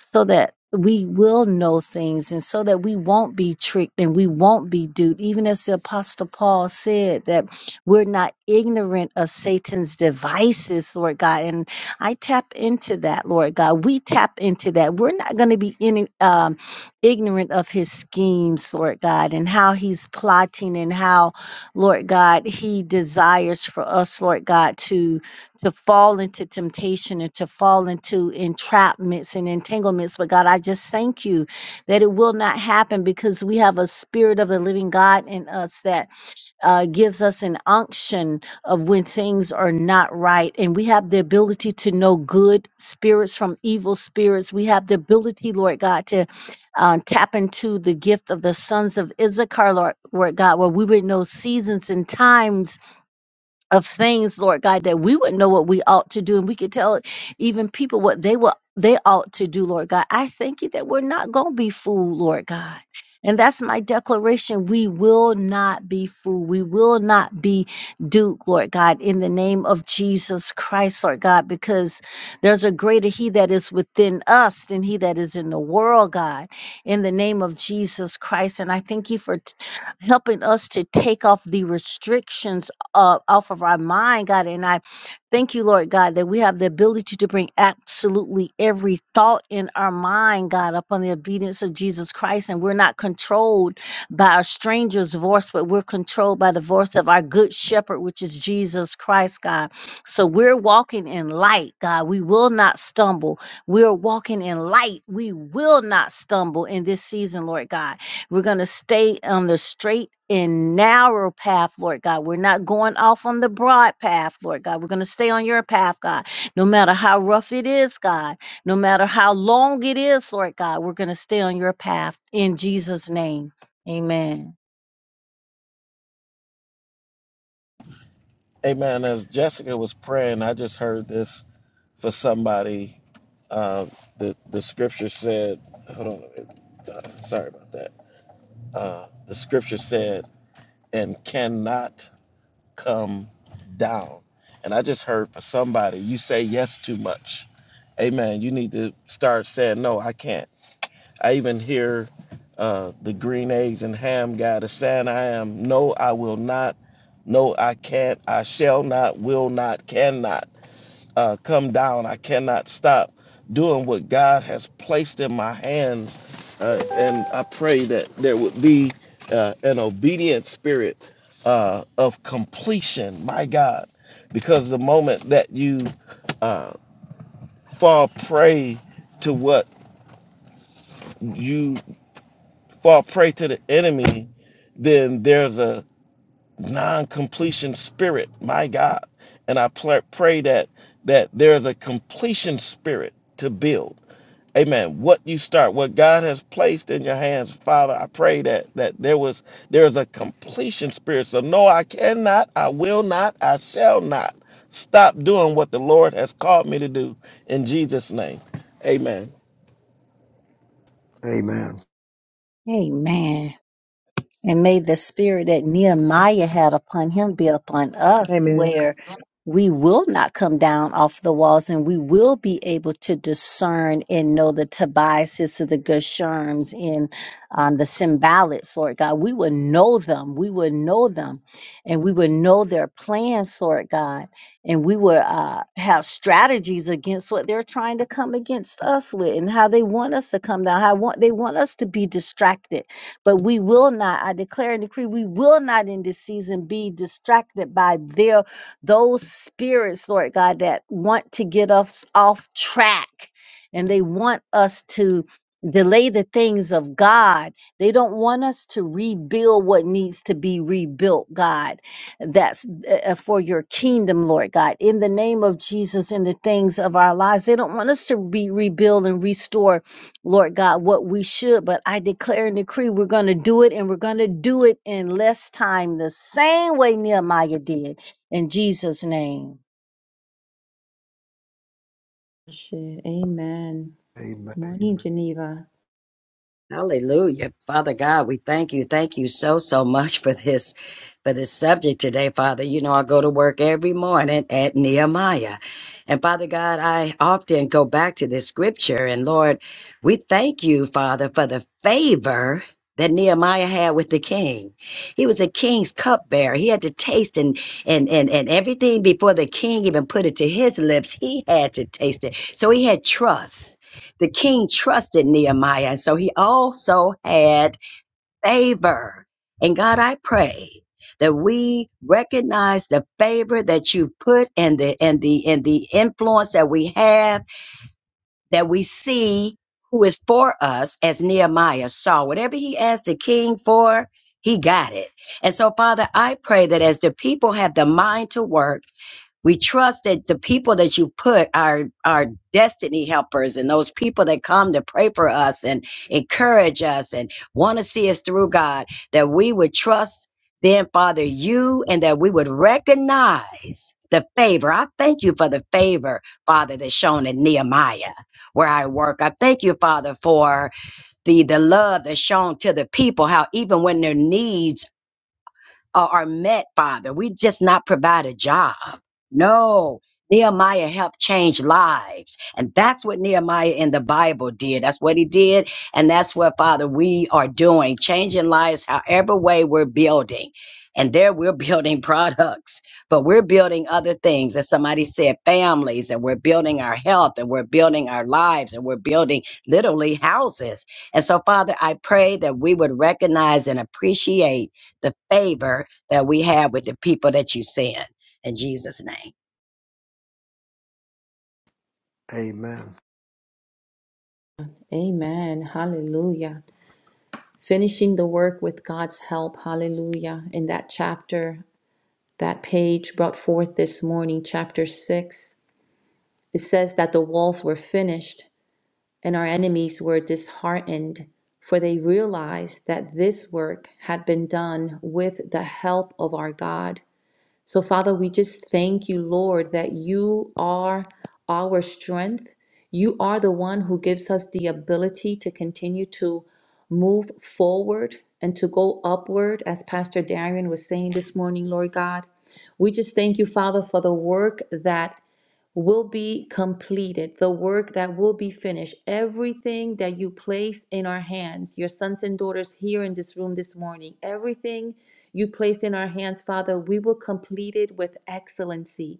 Speaker 9: so that we will know things and so that we won't be tricked and we won't be duped. Even as the Apostle Paul said, that we're not ignorant of Satan's devices, Lord God. And I tap into that, Lord God. We tap into that. We're not going to be in, um, ignorant of his schemes, Lord God, and how he's plotting and how, Lord God, he desires for us, Lord God, to to fall into temptation and to fall into entrapments and entanglements. But God, I just thank you that it will not happen because we have a spirit of the living God in us that uh, gives us an unction of when things are not right. And we have the ability to know good spirits from evil spirits. We have the ability, Lord God, to uh, tap into the gift of the sons of Issachar, Lord, Lord God, where we would know seasons and times of things, Lord God, that we would know what we ought to do and we could tell even people what they will they ought to do, Lord God. I thank you that we're not gonna be fooled, Lord God. And that's my declaration. We will not be fooled. We will not be duped, Lord God, in the name of Jesus Christ, Lord God, because there's a greater He that is within us than He that is in the world, God, in the name of Jesus Christ. And I thank you for t- helping us to take off the restrictions uh, off of our mind, God. And I thank you, Lord God, that we have the ability to bring absolutely every thought in our mind, God, upon the obedience of Jesus Christ. And we're not controlled by a stranger's voice, but we're controlled by the voice of our good shepherd, which is Jesus Christ, God. So we're walking in light, God. We will not stumble. We're walking in light. We will not stumble in this season, Lord God. We're going to stay on the straight and narrow path, Lord God. We're not going off on the broad path, Lord God. We're going to stay on your path, God. No matter how rough it is, God. No matter how long it is, Lord God. We're going to stay on your path in Jesus' name. Amen.
Speaker 1: Amen. As Jessica was praying, I just heard this for somebody. Uh, the the scripture said, hold on, uh, sorry about that. Uh, the scripture said, and cannot come down. And I just heard for somebody, you say yes too much. Amen. You need to start saying no. I can't. I even hear uh, the green eggs and ham guy that's saying, I am. No, I will not. No, I can't. I shall not. Will not. Cannot uh, come down. I cannot stop doing what God has placed in my hands. Uh, and I pray that there would be uh, an obedient spirit uh, of completion, my God, because the moment that you uh, fall prey to what you fall prey to the enemy, then there's a non-completion spirit, my God. And I pl- pray that that there's a completion spirit to build Amen. What you start, what God has placed in your hands, Father, I pray that that there was there is a completion spirit. So no, I cannot, I will not, I shall not stop doing what the Lord has called me to do in Jesus' name. Amen.
Speaker 6: Amen.
Speaker 9: Amen. And may the spirit that Nehemiah had upon him be upon us, where we will not come down off the walls and we will be able to discern and know the Tobiases or the Gesherms and um, the Symbolics, Lord God. We will know them. We will know them and we will know their plans, Lord God. And we will uh, have strategies against what they're trying to come against us with and how they want us to come down, how want, they want us to be distracted but we will not, I declare and decree, we will not in this season be distracted by their those spirits, Lord God, that want to get us off track and they want us to delay the things of God. They don't want us to rebuild what needs to be rebuilt, God. That's uh, uh, for your kingdom, Lord God. In the name of Jesus, in the things of our lives, they don't want us to be rebuild and restore Lord God, what we should, but I declare and decree we're going to do it and we're going to do it in less time, the same way Nehemiah did in Jesus' name.
Speaker 3: Shit. Amen. Morning, Geneva.
Speaker 10: Hallelujah. Father God, we thank you. Thank you so, so much for this, for this subject today, Father. You know, I go to work every morning at Nehemiah. And Father God, I often go back to this scripture. And Lord, we thank you, Father, for the favor that Nehemiah had with the king. He was a king's cupbearer. He had to taste and, and, and, and everything before the king even put it to his lips. He had to taste it. So he had trust the king trusted Nehemiah, and so he also had favor. And God, I pray that we recognize the favor that you've put and the and the and the influence that we have, that we see who is for us as Nehemiah saw. Whatever he asked the king for, he got it. And so, Father, I pray that as the people have the mind to work, we trust that the people that you put are are destiny helpers and those people that come to pray for us and encourage us and want to see us through God, that we would trust then, Father, you and that we would recognize the favor. I thank you for the favor, Father, that's shown in Nehemiah where I work. I thank you, Father, for the the love that's shown to the people, how even when their needs uh, are met, Father. We just not provide a job. No, Nehemiah helped change lives. And that's what Nehemiah in the Bible did. That's what he did. And that's what, Father, we are doing, changing lives however way we're building. And there we're building products, but we're building other things. As somebody said, families, and we're building our health, and we're building our lives, and we're building literally houses. And so, Father, I pray that we would recognize and appreciate the favor that we have with the people that you send. In Jesus' name.
Speaker 6: Amen.
Speaker 3: Amen. Hallelujah. Finishing the work with God's help. Hallelujah. In that chapter, that page brought forth this morning, chapter 6, it says that the walls were finished and our enemies were disheartened, for they realized that this work had been done with the help of our God. So, Father, we just thank you, Lord, that you are our strength. You are the one who gives us the ability to continue to move forward and to go upward, as Pastor Darian was saying this morning, Lord God. We just thank you, Father, for the work that will be completed, the work that will be finished, everything that you place in our hands, your sons and daughters here in this room this morning, everything you place in our hands, Father, we will complete it with excellency.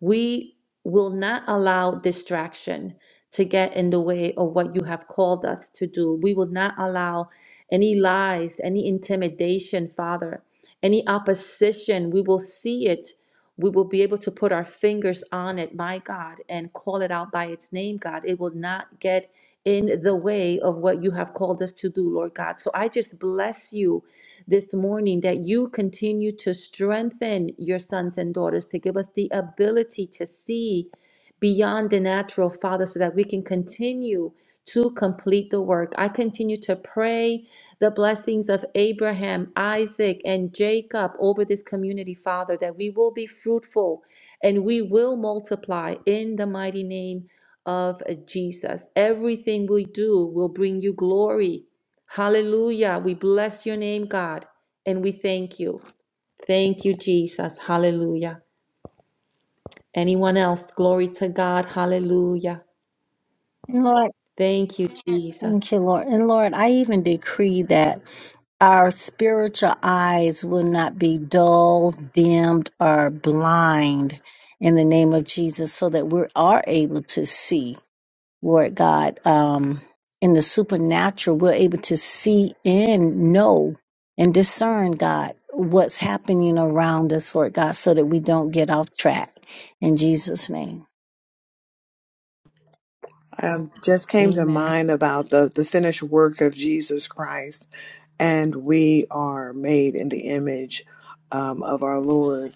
Speaker 3: We will not allow distraction to get in the way of what you have called us to do. We will not allow any lies, any intimidation, Father, any opposition. We will see it. We will be able to put our fingers on it, my God, and call it out by its name, God. It will not get in the way of what you have called us to do, Lord God. So I just bless you this morning that you continue to strengthen your sons and daughters to give us the ability to see beyond the natural, Father, so that we can continue to complete the work. I continue to pray the blessings of Abraham, Isaac, and Jacob over this community, Father, that we will be fruitful and we will multiply in the mighty name of Jesus. Everything we do will bring you glory. Hallelujah. We bless your name, God, and we thank you. Thank you, Jesus. Hallelujah. Anyone else? Glory to God. Hallelujah.
Speaker 9: And Lord,
Speaker 3: Thank you, Jesus.
Speaker 9: thank you, Lord. And Lord, I even decree that our spiritual eyes will not be dull, dimmed, or blind in the name of Jesus so that we are able to see. Lord God, um, in the supernatural, we're able to see and know and discern, God, what's happening around us, Lord God, so that we don't get off track. In Jesus' name.
Speaker 8: um, just came to
Speaker 3: Amen.
Speaker 8: mind about the, the finished work of Jesus Christ, and we are made in the image um, of our Lord,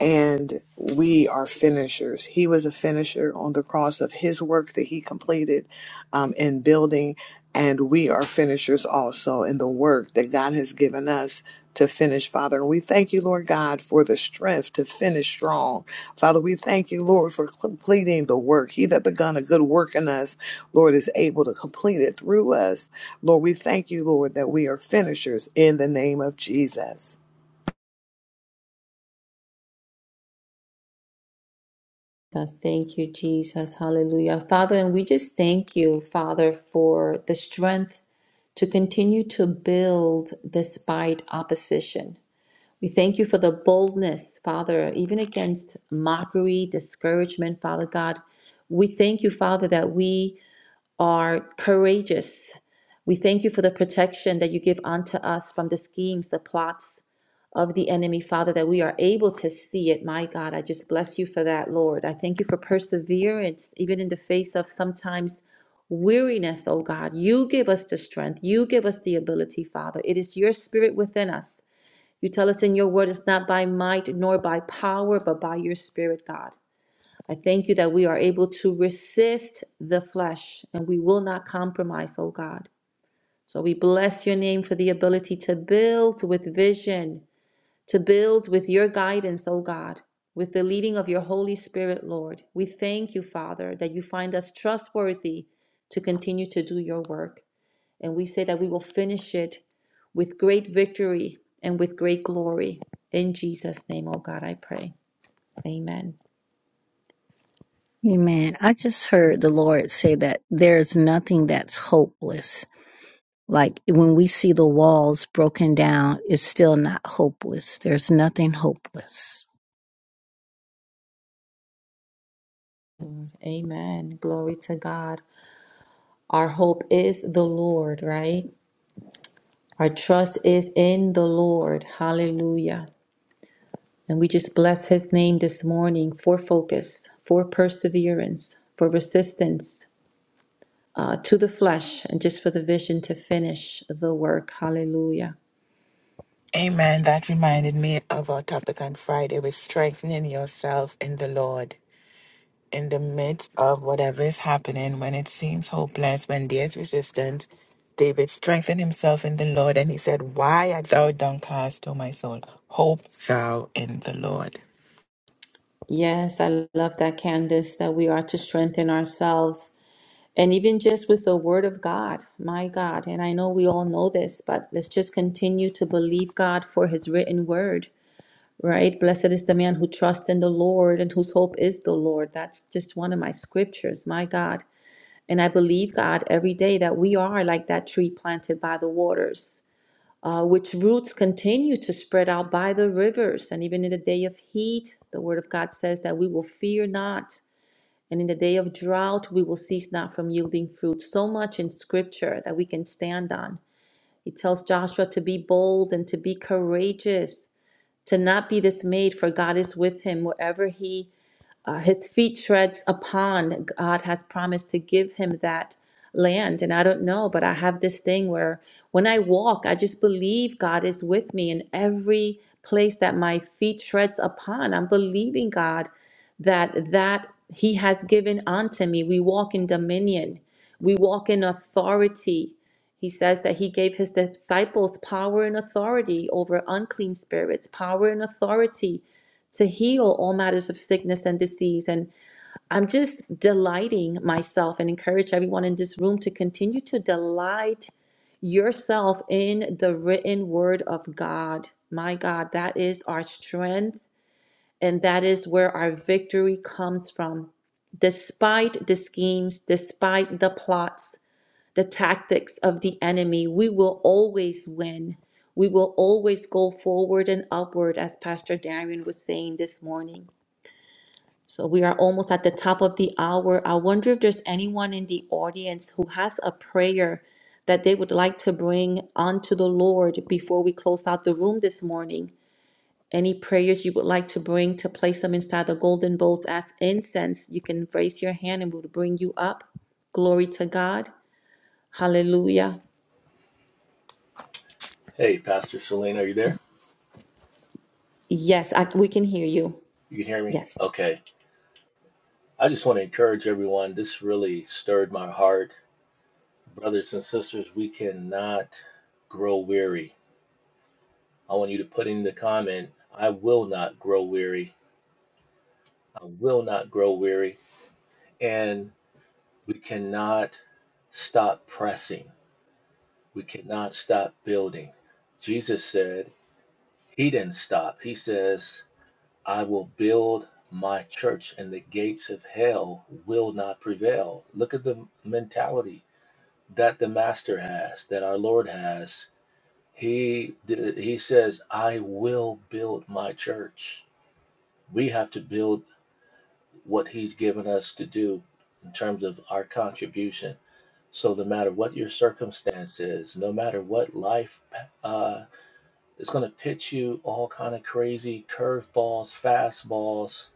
Speaker 8: and we are finishers. He was a finisher on the cross of his work that he completed um, in building, and we are finishers also in the work that God has given us to finish, Father. And we thank you, Lord God, for the strength to finish strong Father, we thank you, Lord, for completing the work. He that begun a good work in us, Lord, is able to complete it through us. Lord, we thank you, Lord, that we are finishers in the name of Jesus.
Speaker 3: Jesus. Thank you, Jesus. Hallelujah. Father, and we just thank you, Father, for the strength to continue to build despite opposition. We thank you for the boldness, Father, even against mockery, discouragement, Father God. We thank you, Father, that we are courageous. We thank you for the protection that you give unto us from the schemes, the plots of the enemy, Father, that we are able to see it. My God, I just bless you for that, Lord. I thank you for perseverance, even in the face of sometimes weariness, oh God. You give us the strength, you give us the ability, Father. It is your spirit within us. You tell us in your word, it's not by might nor by power, but by your spirit, God. I thank you that we are able to resist the flesh and we will not compromise, oh God. So we bless your name for the ability to build with vision, to build with your guidance, oh God, with the leading of your Holy Spirit, Lord. We thank you, Father, that you find us trustworthy to continue to do your work. And we say that we will finish it with great victory and with great glory. In Jesus' name, oh God, I pray. Amen.
Speaker 9: Amen. I just heard the Lord say that there's nothing that's hopeless. Like when we see the walls broken down, it's still not hopeless. There's nothing hopeless.
Speaker 3: Amen. Glory to God. Our hope is the Lord, right? Our trust is in the Lord. Hallelujah. And we just bless his name this morning for focus, for perseverance, for resistance uh, to the flesh, and just for the vision to finish the work. Hallelujah.
Speaker 4: Amen. That reminded me of our topic on Friday with strengthening yourself in the Lord. in the midst of whatever is happening, when it seems hopeless, when there's resistance, David strengthened himself in the Lord and he said, Why art thou downcast, O my soul? Hope thou in the Lord.
Speaker 3: Yes, I love that, Candace, that we are to strengthen ourselves. And even just with the word of God, my God. And I know we all know this, but let's just continue to believe God for his written word right? Blessed is the man who trusts in the Lord and whose hope is the Lord. That's just one of my scriptures, my God. And I believe, God, every day that we are like that tree planted by the waters, uh, which roots continue to spread out by the rivers. And even in the day of heat, the word of God says that we will fear not. And in the day of drought, we will cease not from yielding fruit. So much in scripture that we can stand on. He tells Joshua to be bold and to be courageous to not be dismayed, for God is with him wherever he uh, his feet treads upon god has promised to give him that land and i don't know but i have this thing where when i walk i just believe god is with me in every place that my feet treads upon i'm believing god that that he has given unto me we walk in dominion we walk in authority he says that he gave his disciples power and authority over unclean spirits power and authority to heal all matters of sickness and disease. And I'm just delighting myself and encourage everyone in this room to continue to delight yourself in the written word of God. My God, that is our strength, and that is where our victory comes from. Despite the schemes, despite the plots, the tactics of the enemy, we will always win. We will always go forward and upward, as Pastor Darian was saying this morning. So we are almost at the top of the hour. I wonder if there's anyone in the audience who has a prayer that they would like to bring onto the Lord before we close out the room this morning. Any prayers you would like to bring to place them inside the golden bowls as incense, you can raise your hand and we'll bring you up. Glory to God. Hallelujah.
Speaker 5: hey, Pastor Selena, are you there?
Speaker 3: Yes, I, we can hear you.
Speaker 5: You can hear me?
Speaker 3: Yes.
Speaker 5: Okay. I just want to encourage everyone. This really stirred my heart. Brothers and sisters, we cannot grow weary. I want you to put in the comment, I will not grow weary. uh, will not grow weary, and we cannot stop pressing. We cannot stop building. Jesus said, He didn't stop. He says, I will build my church, and the gates of hell will not prevail. Look at the mentality that the Master has, that our Lord has. He, did- he says, I will build my church. We have to build what he's given us to do in terms of our contribution. So no matter what your circumstance is, no matter what life uh, is going to pitch you all kind of crazy curveballs, fastballs,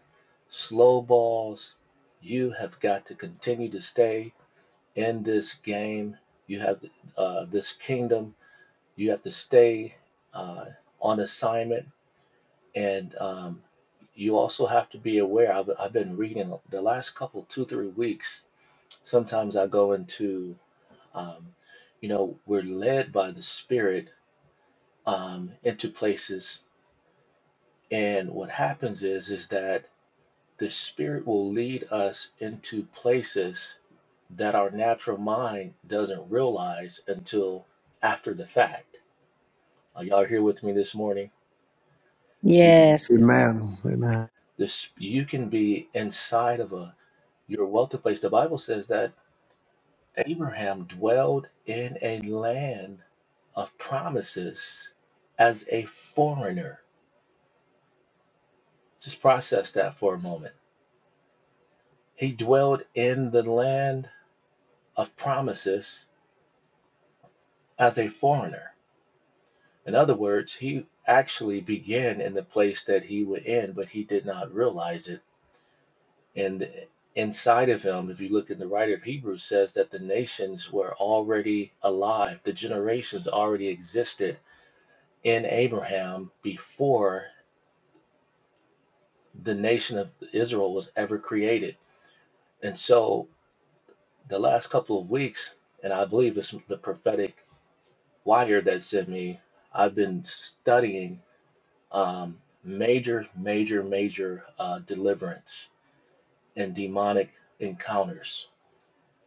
Speaker 5: slow balls, you have got to continue to stay in this game. You have uh, this kingdom. You have to stay uh, on assignment and um, you also have to be aware. I've, I've been reading the last couple, two, three weeks. Sometimes I go into, um, you know, we're led by the Spirit um, into places, and what happens is, is that the Spirit will lead us into places that our natural mind doesn't realize until after the fact. Are y'all here with me this morning? You can
Speaker 9: Yes,
Speaker 6: Amen. Amen.
Speaker 5: this you can be inside of a You're well to place. The Bible says that Abraham dwelled in a land of promises as a foreigner. Just process that for a moment. He dwelled in the land of promises as a foreigner. In other words, he actually began in the place that he would end, but he did not realize it. And inside of him, if you look in the writer of Hebrews, says that the nations were already alive, the generations already existed in Abraham before the nation of Israel was ever created. And so the last couple of weeks, and I believe it's the prophetic wire that sent me, I've been studying um, major, major, major uh, deliverance and demonic encounters.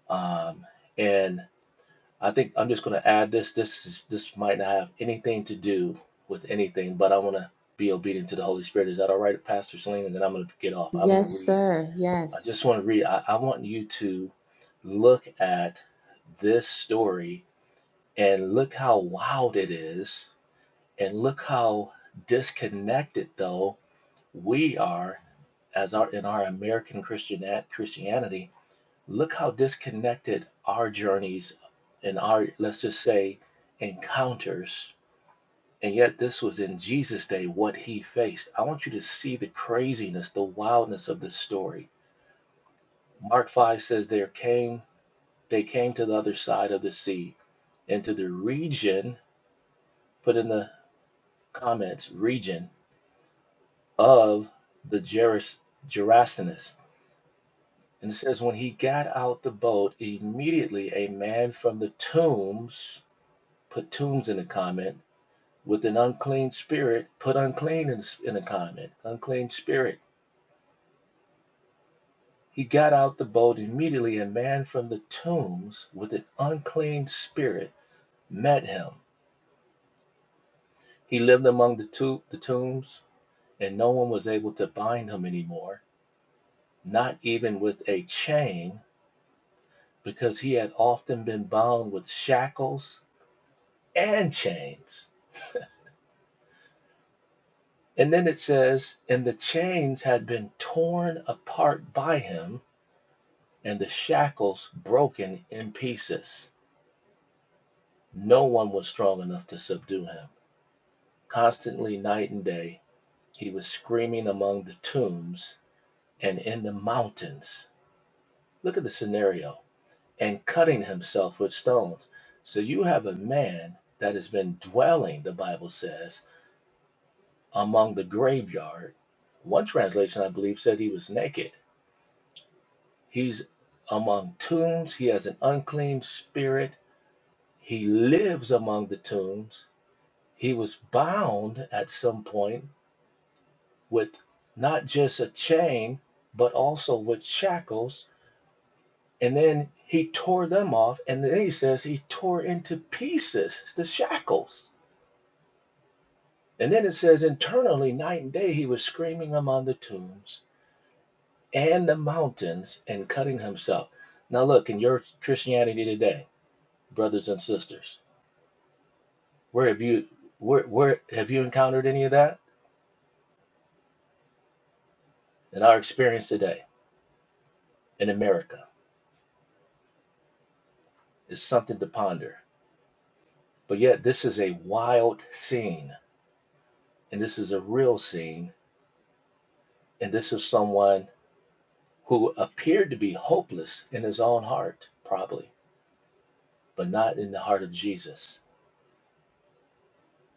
Speaker 5: Um, and I think I'm just going to add this. This is, this might not have anything to do with anything, but I want to be obedient to the Holy Spirit. Is that all right, Pastor Selene? And then I'm going to get off. I want to
Speaker 3: Yes,
Speaker 5: read.
Speaker 3: sir.
Speaker 5: I
Speaker 3: Yes.
Speaker 5: just want to read. I, I want you to look at this story and look how wild it is, and look how disconnected though we are as our in our American Christian Christianity look how disconnected our journeys and our let's just say encounters and yet this was in jesus day what he faced i want you to see the craziness the wildness of this story mark 5 says there came they came to the other side of the sea into the region put in the comments region of the Geras, gerasenes and it says when he got out the boat immediately a man from the tombs Put tombs in the comment. With an unclean spirit, put unclean in, in the comment. Unclean spirit. He got out the boat immediately, and a man from the tombs with an unclean spirit met him. He lived among the, to- the tombs, and no one was able to bind him anymore, not even with a chain, because he had often been bound with shackles and chains. And then it says, and the chains had been torn apart by him and the shackles broken in pieces. No one was strong enough to subdue him. Constantly, night and day, he was screaming among the tombs and in the mountains. Look at the scenario and cutting himself with stones. So you have a man that has been dwelling, the Bible says, among the graveyard. One translation, I believe, said he was naked. He's among tombs. He has an unclean spirit. He lives among the tombs He was bound at some point with not just a chain, but also with shackles. And then he tore them off. And then he says he tore into pieces the shackles. And then it says internally, night and day, he was screaming among the tombs and the mountains and cutting himself. Now, look, in your Christianity today, brothers and sisters, where have you, where, where have you encountered any of that? In our experience today in America, it's something to ponder. But yet, this is a wild scene, and this is a real scene, and this is someone who appeared to be hopeless in his own heart, probably, but not in the heart of Jesus.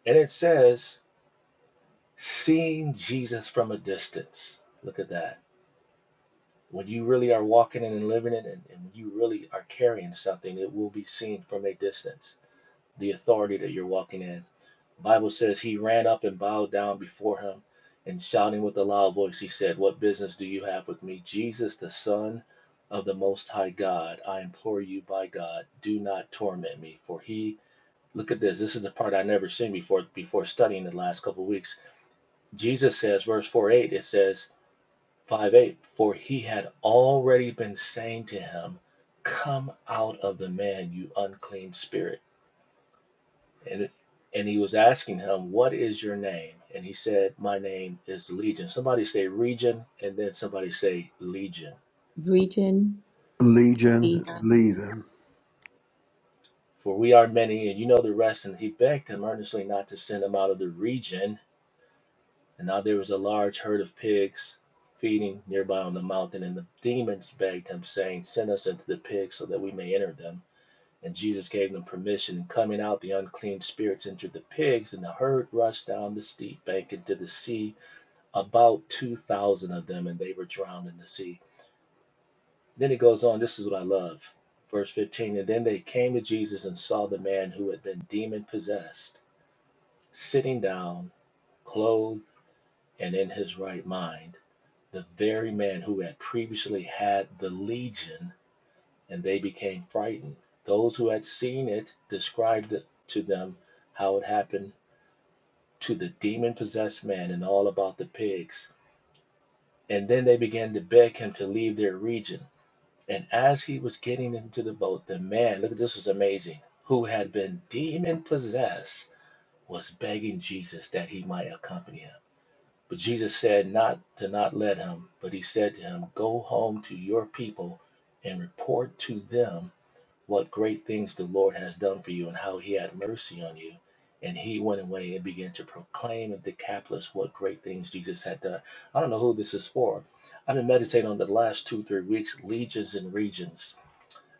Speaker 5: And it says, seeing Jesus from a distance. Look at that. When you really are walking in and living in it, and when you really are carrying something, it will be seen from a distance the authority that you're walking in. The Bible says he ran up and bowed down before him, and shouting with a loud voice, he said, What business do you have with me? Jesus, the Son of the Most High God, I implore you by God, do not torment me. For he, look at this, this is the part I never seen before before studying the last couple of weeks. Jesus says, verse 4 8, it says, 5 8, for he had already been saying to him, Come out of the man, you unclean spirit. And, and he was asking him, What is your name? And he said, My name is Legion. Somebody say region, and then somebody say Legion.
Speaker 3: Region.
Speaker 6: Legion, leaving.
Speaker 5: For we are many, and you know the rest. And he begged him earnestly not to send him out of the region. And now there was a large herd of pigs feeding nearby on the mountain. And the demons begged him, saying, Send us into the pigs so that we may enter them. And Jesus gave them permission. And coming out, the unclean spirits entered the pigs, and the herd rushed down the steep bank into the sea about 2,000 of them, and they were drowned in the sea. Then it goes on, this is what I love. Verse 15 And then they came to Jesus and saw the man who had been demon possessed, sitting down, clothed, and in his right mind, the very man who had previously had the legion, and they became frightened. Those who had seen it described it to them how it happened to the demon possessed man and all about the pigs. And then they began to beg him to leave their region. And as he was getting into the boat, the man, look at this was amazing, who had been demon possessed, was begging Jesus that he might accompany him. But Jesus said not to not let him, but he said to him, Go home to your people and report to them what great things the Lord has done for you and how he had mercy on you. And he went away and began to proclaim at Decapolis what great things Jesus had done. I don't know who this is for. I've been meditating on the last two, three weeks, legions and regions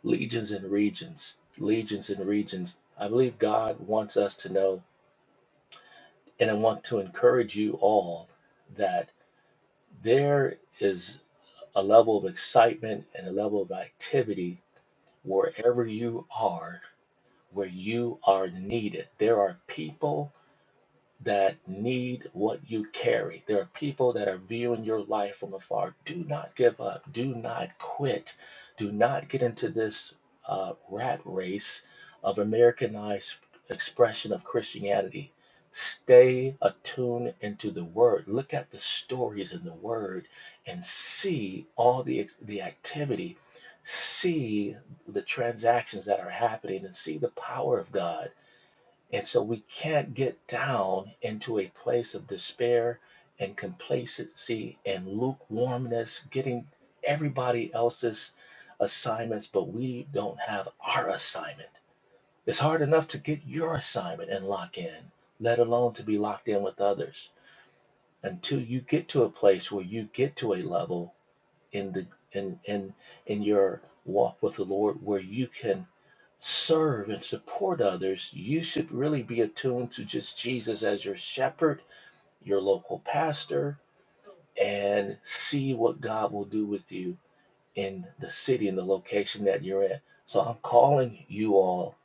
Speaker 5: legions and regions, legions and regions. I believe God wants us to know, and I want to encourage you all that there is a level of excitement and a level of activity wherever you are, where you are needed. There are people that need what you carry. There are people that are viewing your life from afar. Do not give up. Do not quit. Do not get into this uh, rat race of Americanized expression of Christianity. Stay attuned into the Word. Look at the stories in the Word and see all the ex- the activity. See the transactions that are happening and see the power of God and so we can't get down into a place of despair and complacency and lukewarmness, getting everybody else's assignments, but we don't have our assignment. It's hard enough to get your assignment and lock in, let alone to be locked in with others. Until you get to a place where you get to a level in the in in in your walk with the Lord where you can serve and support others, you should really be attuned to just Jesus as your shepherd, your local pastor, and see what God will do with you in the city and the location that you're in. So I'm calling you all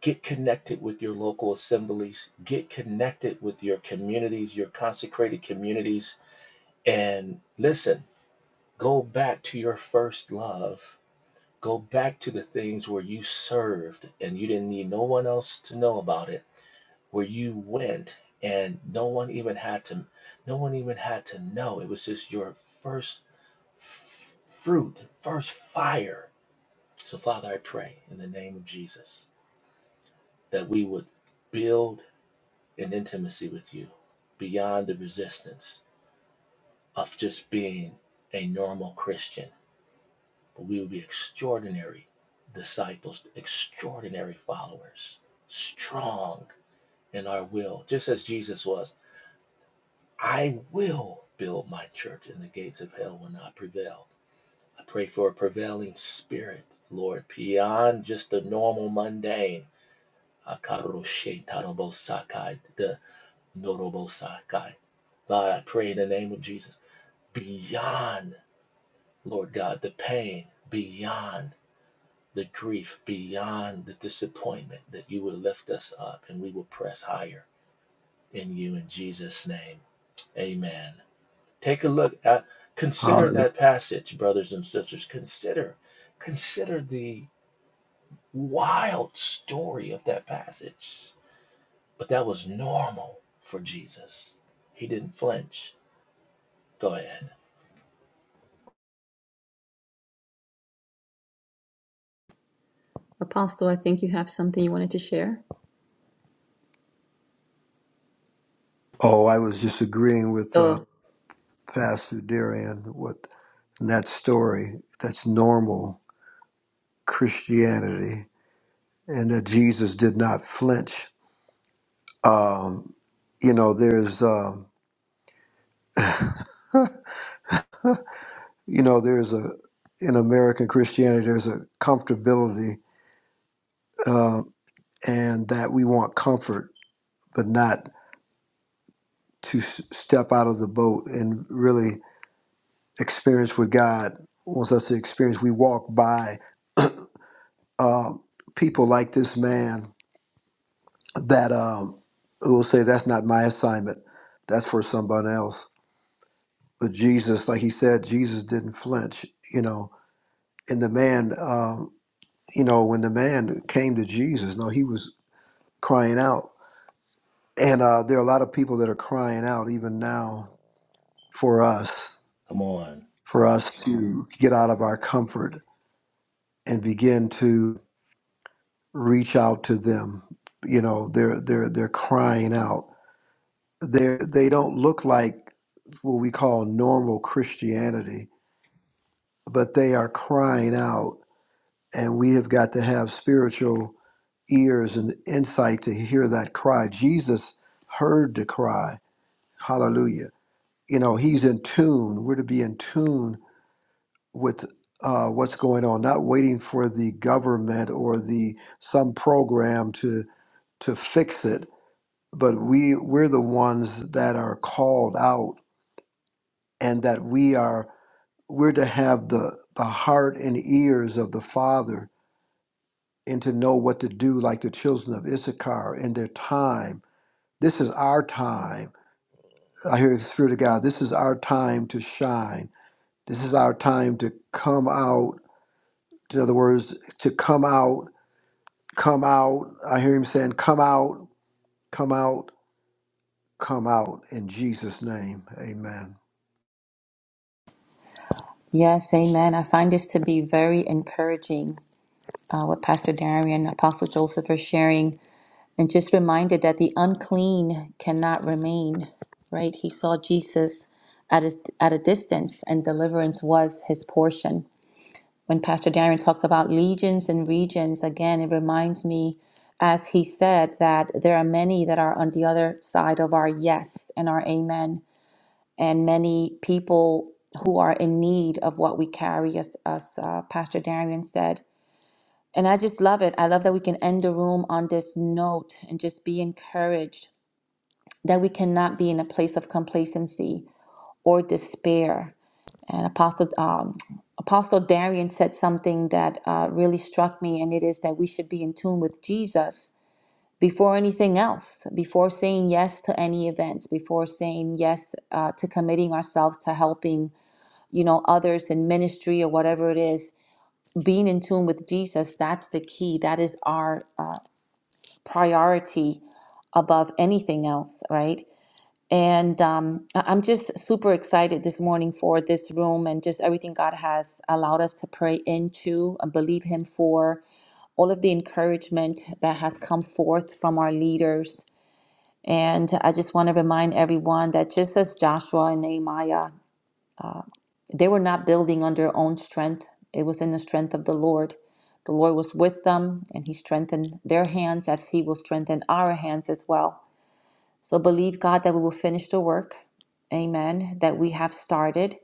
Speaker 5: get connected with your local assemblies, get connected with your communities, your consecrated communities, and listen, go back to your first love Go back to the things where you served and you didn't need no one else to know about it, where you went and no one even had to no one even had to know. It was just your first fruit, first fire. So Father, I pray in the name of Jesus that we would build an intimacy with you beyond the resistance of just being a normal Christian but we will be extraordinary disciples, extraordinary followers, strong in our will, just as Jesus was. I will build my church, and the gates of hell will not prevail. I pray for a prevailing spirit, Lord, beyond just the normal mundane. the norobosakai. God, I pray in the name of Jesus, beyond, Lord God, the pain, beyond. the grief, beyond the disappointment, that you would lift us up and we will press higher in you in Jesus' name. Amen. Take a look at, consider
Speaker 6: Hallelujah.
Speaker 5: that passage, brothers and sisters. Consider, consider the wild story of that passage. But that was normal for Jesus. He didn't flinch. Go ahead.
Speaker 3: Apostle, I think you have something you wanted to share.
Speaker 6: Oh, I was just agreeing with uh,
Speaker 3: Oh.
Speaker 6: Pastor Darian with that story. That's normal Christianity and that Jesus did not flinch. Um, you know, there's, um, you know, there's a, in American Christianity, there's a comfortability um, and that we want comfort, but not to s- step out of the boat and really experience what God wants us to experience. We walk by um, people like this man that um, who will say, that's not my assignment. That's for someone else But Jesus, like he said, Jesus didn't flinch, you know. And the man, um, you know, when the man came to Jesus, no, he was crying out. And uh, there are a lot of people that are crying out even now for us,
Speaker 5: Come on.
Speaker 6: for us to get out of our comfort and begin to reach out to them. You know, they're they're they're crying out. They they don't look like what we call normal Christianity, but they are crying out and we have got to have spiritual ears and insight to hear that cry. Jesus heard the cry. Hallelujah. You know, he's in tune. We're to be in tune with uh, what's going on, not waiting for the government or the some program to to fix it, but we we're the ones that are called out and that we are we're to have the the heart and ears of the Father and to know what to do, like the children of Issachar in their time. This is our time. I hear the Spirit of God. This is our time to shine. This is our time to come out. In other words, to come out, come out. I hear him saying, come out, come out, come out. In Jesus' name, amen.
Speaker 3: Yes, amen. I find this to be very encouraging, uh, what Pastor Darian and Apostle Joseph are sharing, and just reminded that the unclean cannot remain, right? He saw Jesus at, his, at a distance, and deliverance was his portion. When Pastor Darian talks about legions and regions, again, it reminds me, as he said, that there are many that are on the other side of our yes and our amen and many people who are in need of what we carry, as, as uh, Pastor Darian said. And I just love it. I love that we can end the room on this note and just be encouraged that we cannot be in a place of complacency or despair. And Apostle um, Apostle Darian said something that uh, really struck me, and it is that we should be in tune with Jesus before anything else, before saying yes to any events, before saying yes uh, to committing ourselves to helping you know, others in ministry or whatever it is, being in tune with Jesus, that's the key. That is our uh, priority above anything else, right? And um, I- I'm just super excited this morning for this room and just everything God has allowed us to pray into and believe Him for, all of the encouragement that has come forth from our leaders. And I just want to remind everyone that just as Joshua and Nehemiah They were not building on their own strength, it was in the strength of the Lord. The Lord was with them, and He strengthened their hands as He will strengthen our hands as well. So believe God that we will finish the work, amen, that we have started,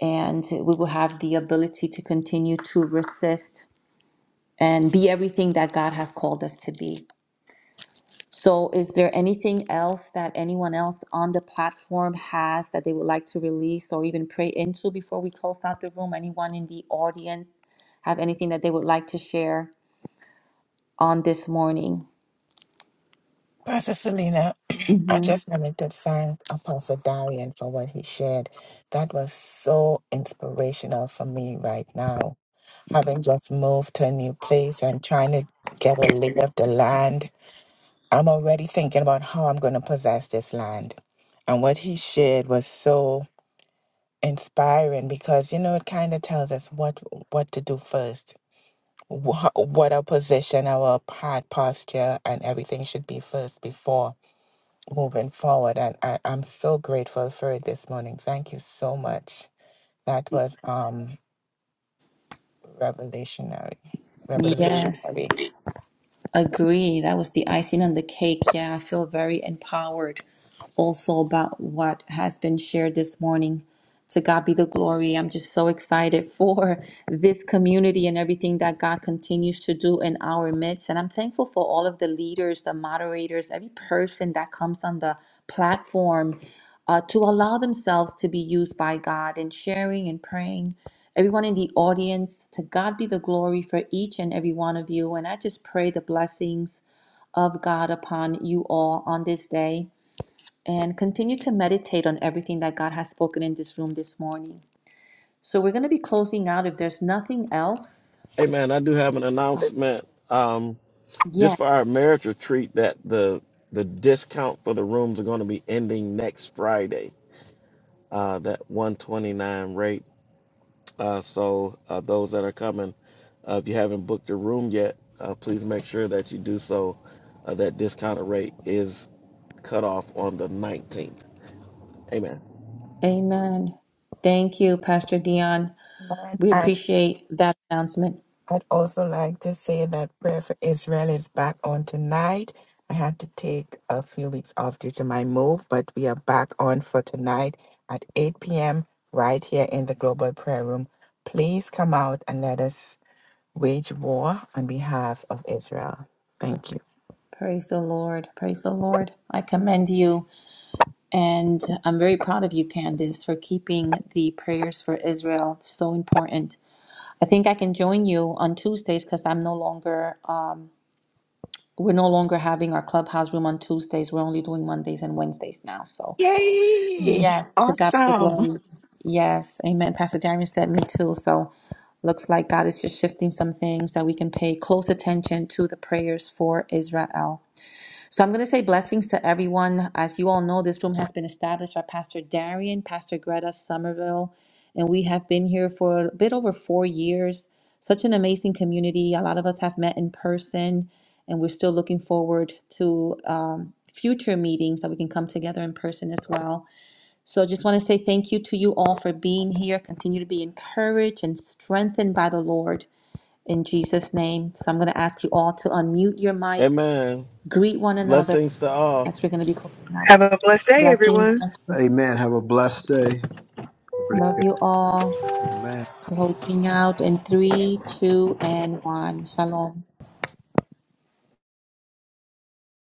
Speaker 3: and we will have the ability to continue to resist and be everything that God has called us to be. So is there anything else that anyone else on the platform has that they would like to release or even pray into before we close out the room? Anyone in the audience have anything that they would like to share on this morning?
Speaker 4: Pastor Selena, I
Speaker 3: hmm
Speaker 4: just wanted to thank Apostle Darian for what he shared. That was so inspirational for me right now. Having just moved to a new place and trying to get a lay of the land I'm already thinking about how I'm going to possess this land. And what he shared was so inspiring because you know it kind of tells us what what to do first, what, what our position, our heart posture, and everything should be first before moving forward. And I, I'm so grateful for it this morning. Thank you so much. That was um revelationary,
Speaker 3: Yes.
Speaker 4: revolutionary.
Speaker 3: Agree. That was the icing on the cake. Yeah, I feel very empowered also about what has been shared this morning. To God be the glory. I'm just so excited for this community and everything that God continues to do in our midst. And I'm thankful for all of the leaders, the moderators, every person that comes on the platform uh, to allow themselves to be used by God in sharing and praying everyone in the audience. To God be the glory for each and every one of you. And I just pray the blessings of God upon you all on this day and continue to meditate on everything that God has spoken in this room this morning. So we're going to be closing out if there's nothing else.
Speaker 1: Amen. I do have an announcement. Um,
Speaker 3: Yes.
Speaker 1: just for our marriage retreat that the the discount for the rooms are going to be ending next Friday. Uh, that 129 rate. Uh, so uh, those that are coming, uh, if you haven't booked your room yet, uh, please make sure that you do so. Uh, that discounted rate is cut off on the 19th. Amen.
Speaker 3: Amen. Thank you, Pastor Dion. We appreciate that announcement.
Speaker 4: I'd also like to say that Prayer for Israel is back on tonight. I had to take a few weeks off due to my move, but we are back on for tonight at 8 p.m. right here in the Global Prayer Room. Please come out and let us wage war on behalf of Israel. Thank you.
Speaker 3: Praise the Lord. Praise the Lord. I commend you And I'm very proud of you, Candace, for keeping the prayers for Israel so important. I think I can join you on Tuesdays because I'm no longer, um, we're no longer having our clubhouse room on Tuesdays. We're only doing Mondays and Wednesdays now. So,
Speaker 4: Yay!
Speaker 3: yes, to God be the
Speaker 4: Awesome.
Speaker 3: glory. Yes, amen. Pastor Darian said me too. So, looks like God is just shifting some things that we can pay close attention to the prayers for Israel. So I'm going to say blessings to everyone. As you all know, this room has been established by Pastor Darian, Pastor Greta Somerville, and we have been here for a bit over four years. Such an amazing community. A lot of us have met in person, and we're still looking forward to um, future meetings that we can come together in person as well. So I just want to say thank you to you all for being here. Continue to be encouraged and strengthened by the Lord in Jesus' name. So I'm going to ask you all to unmute your mics,
Speaker 1: Amen.
Speaker 3: greet one another
Speaker 1: Blessings to all.
Speaker 3: as we're going to be closing out.
Speaker 8: Have a blessed day,
Speaker 3: Blessings,
Speaker 8: everyone.
Speaker 3: blessings.
Speaker 6: Amen. Have a blessed day. Pretty
Speaker 3: Love
Speaker 6: good.
Speaker 3: you all.
Speaker 6: Amen.
Speaker 3: Closing out in three, two, and one. Shalom.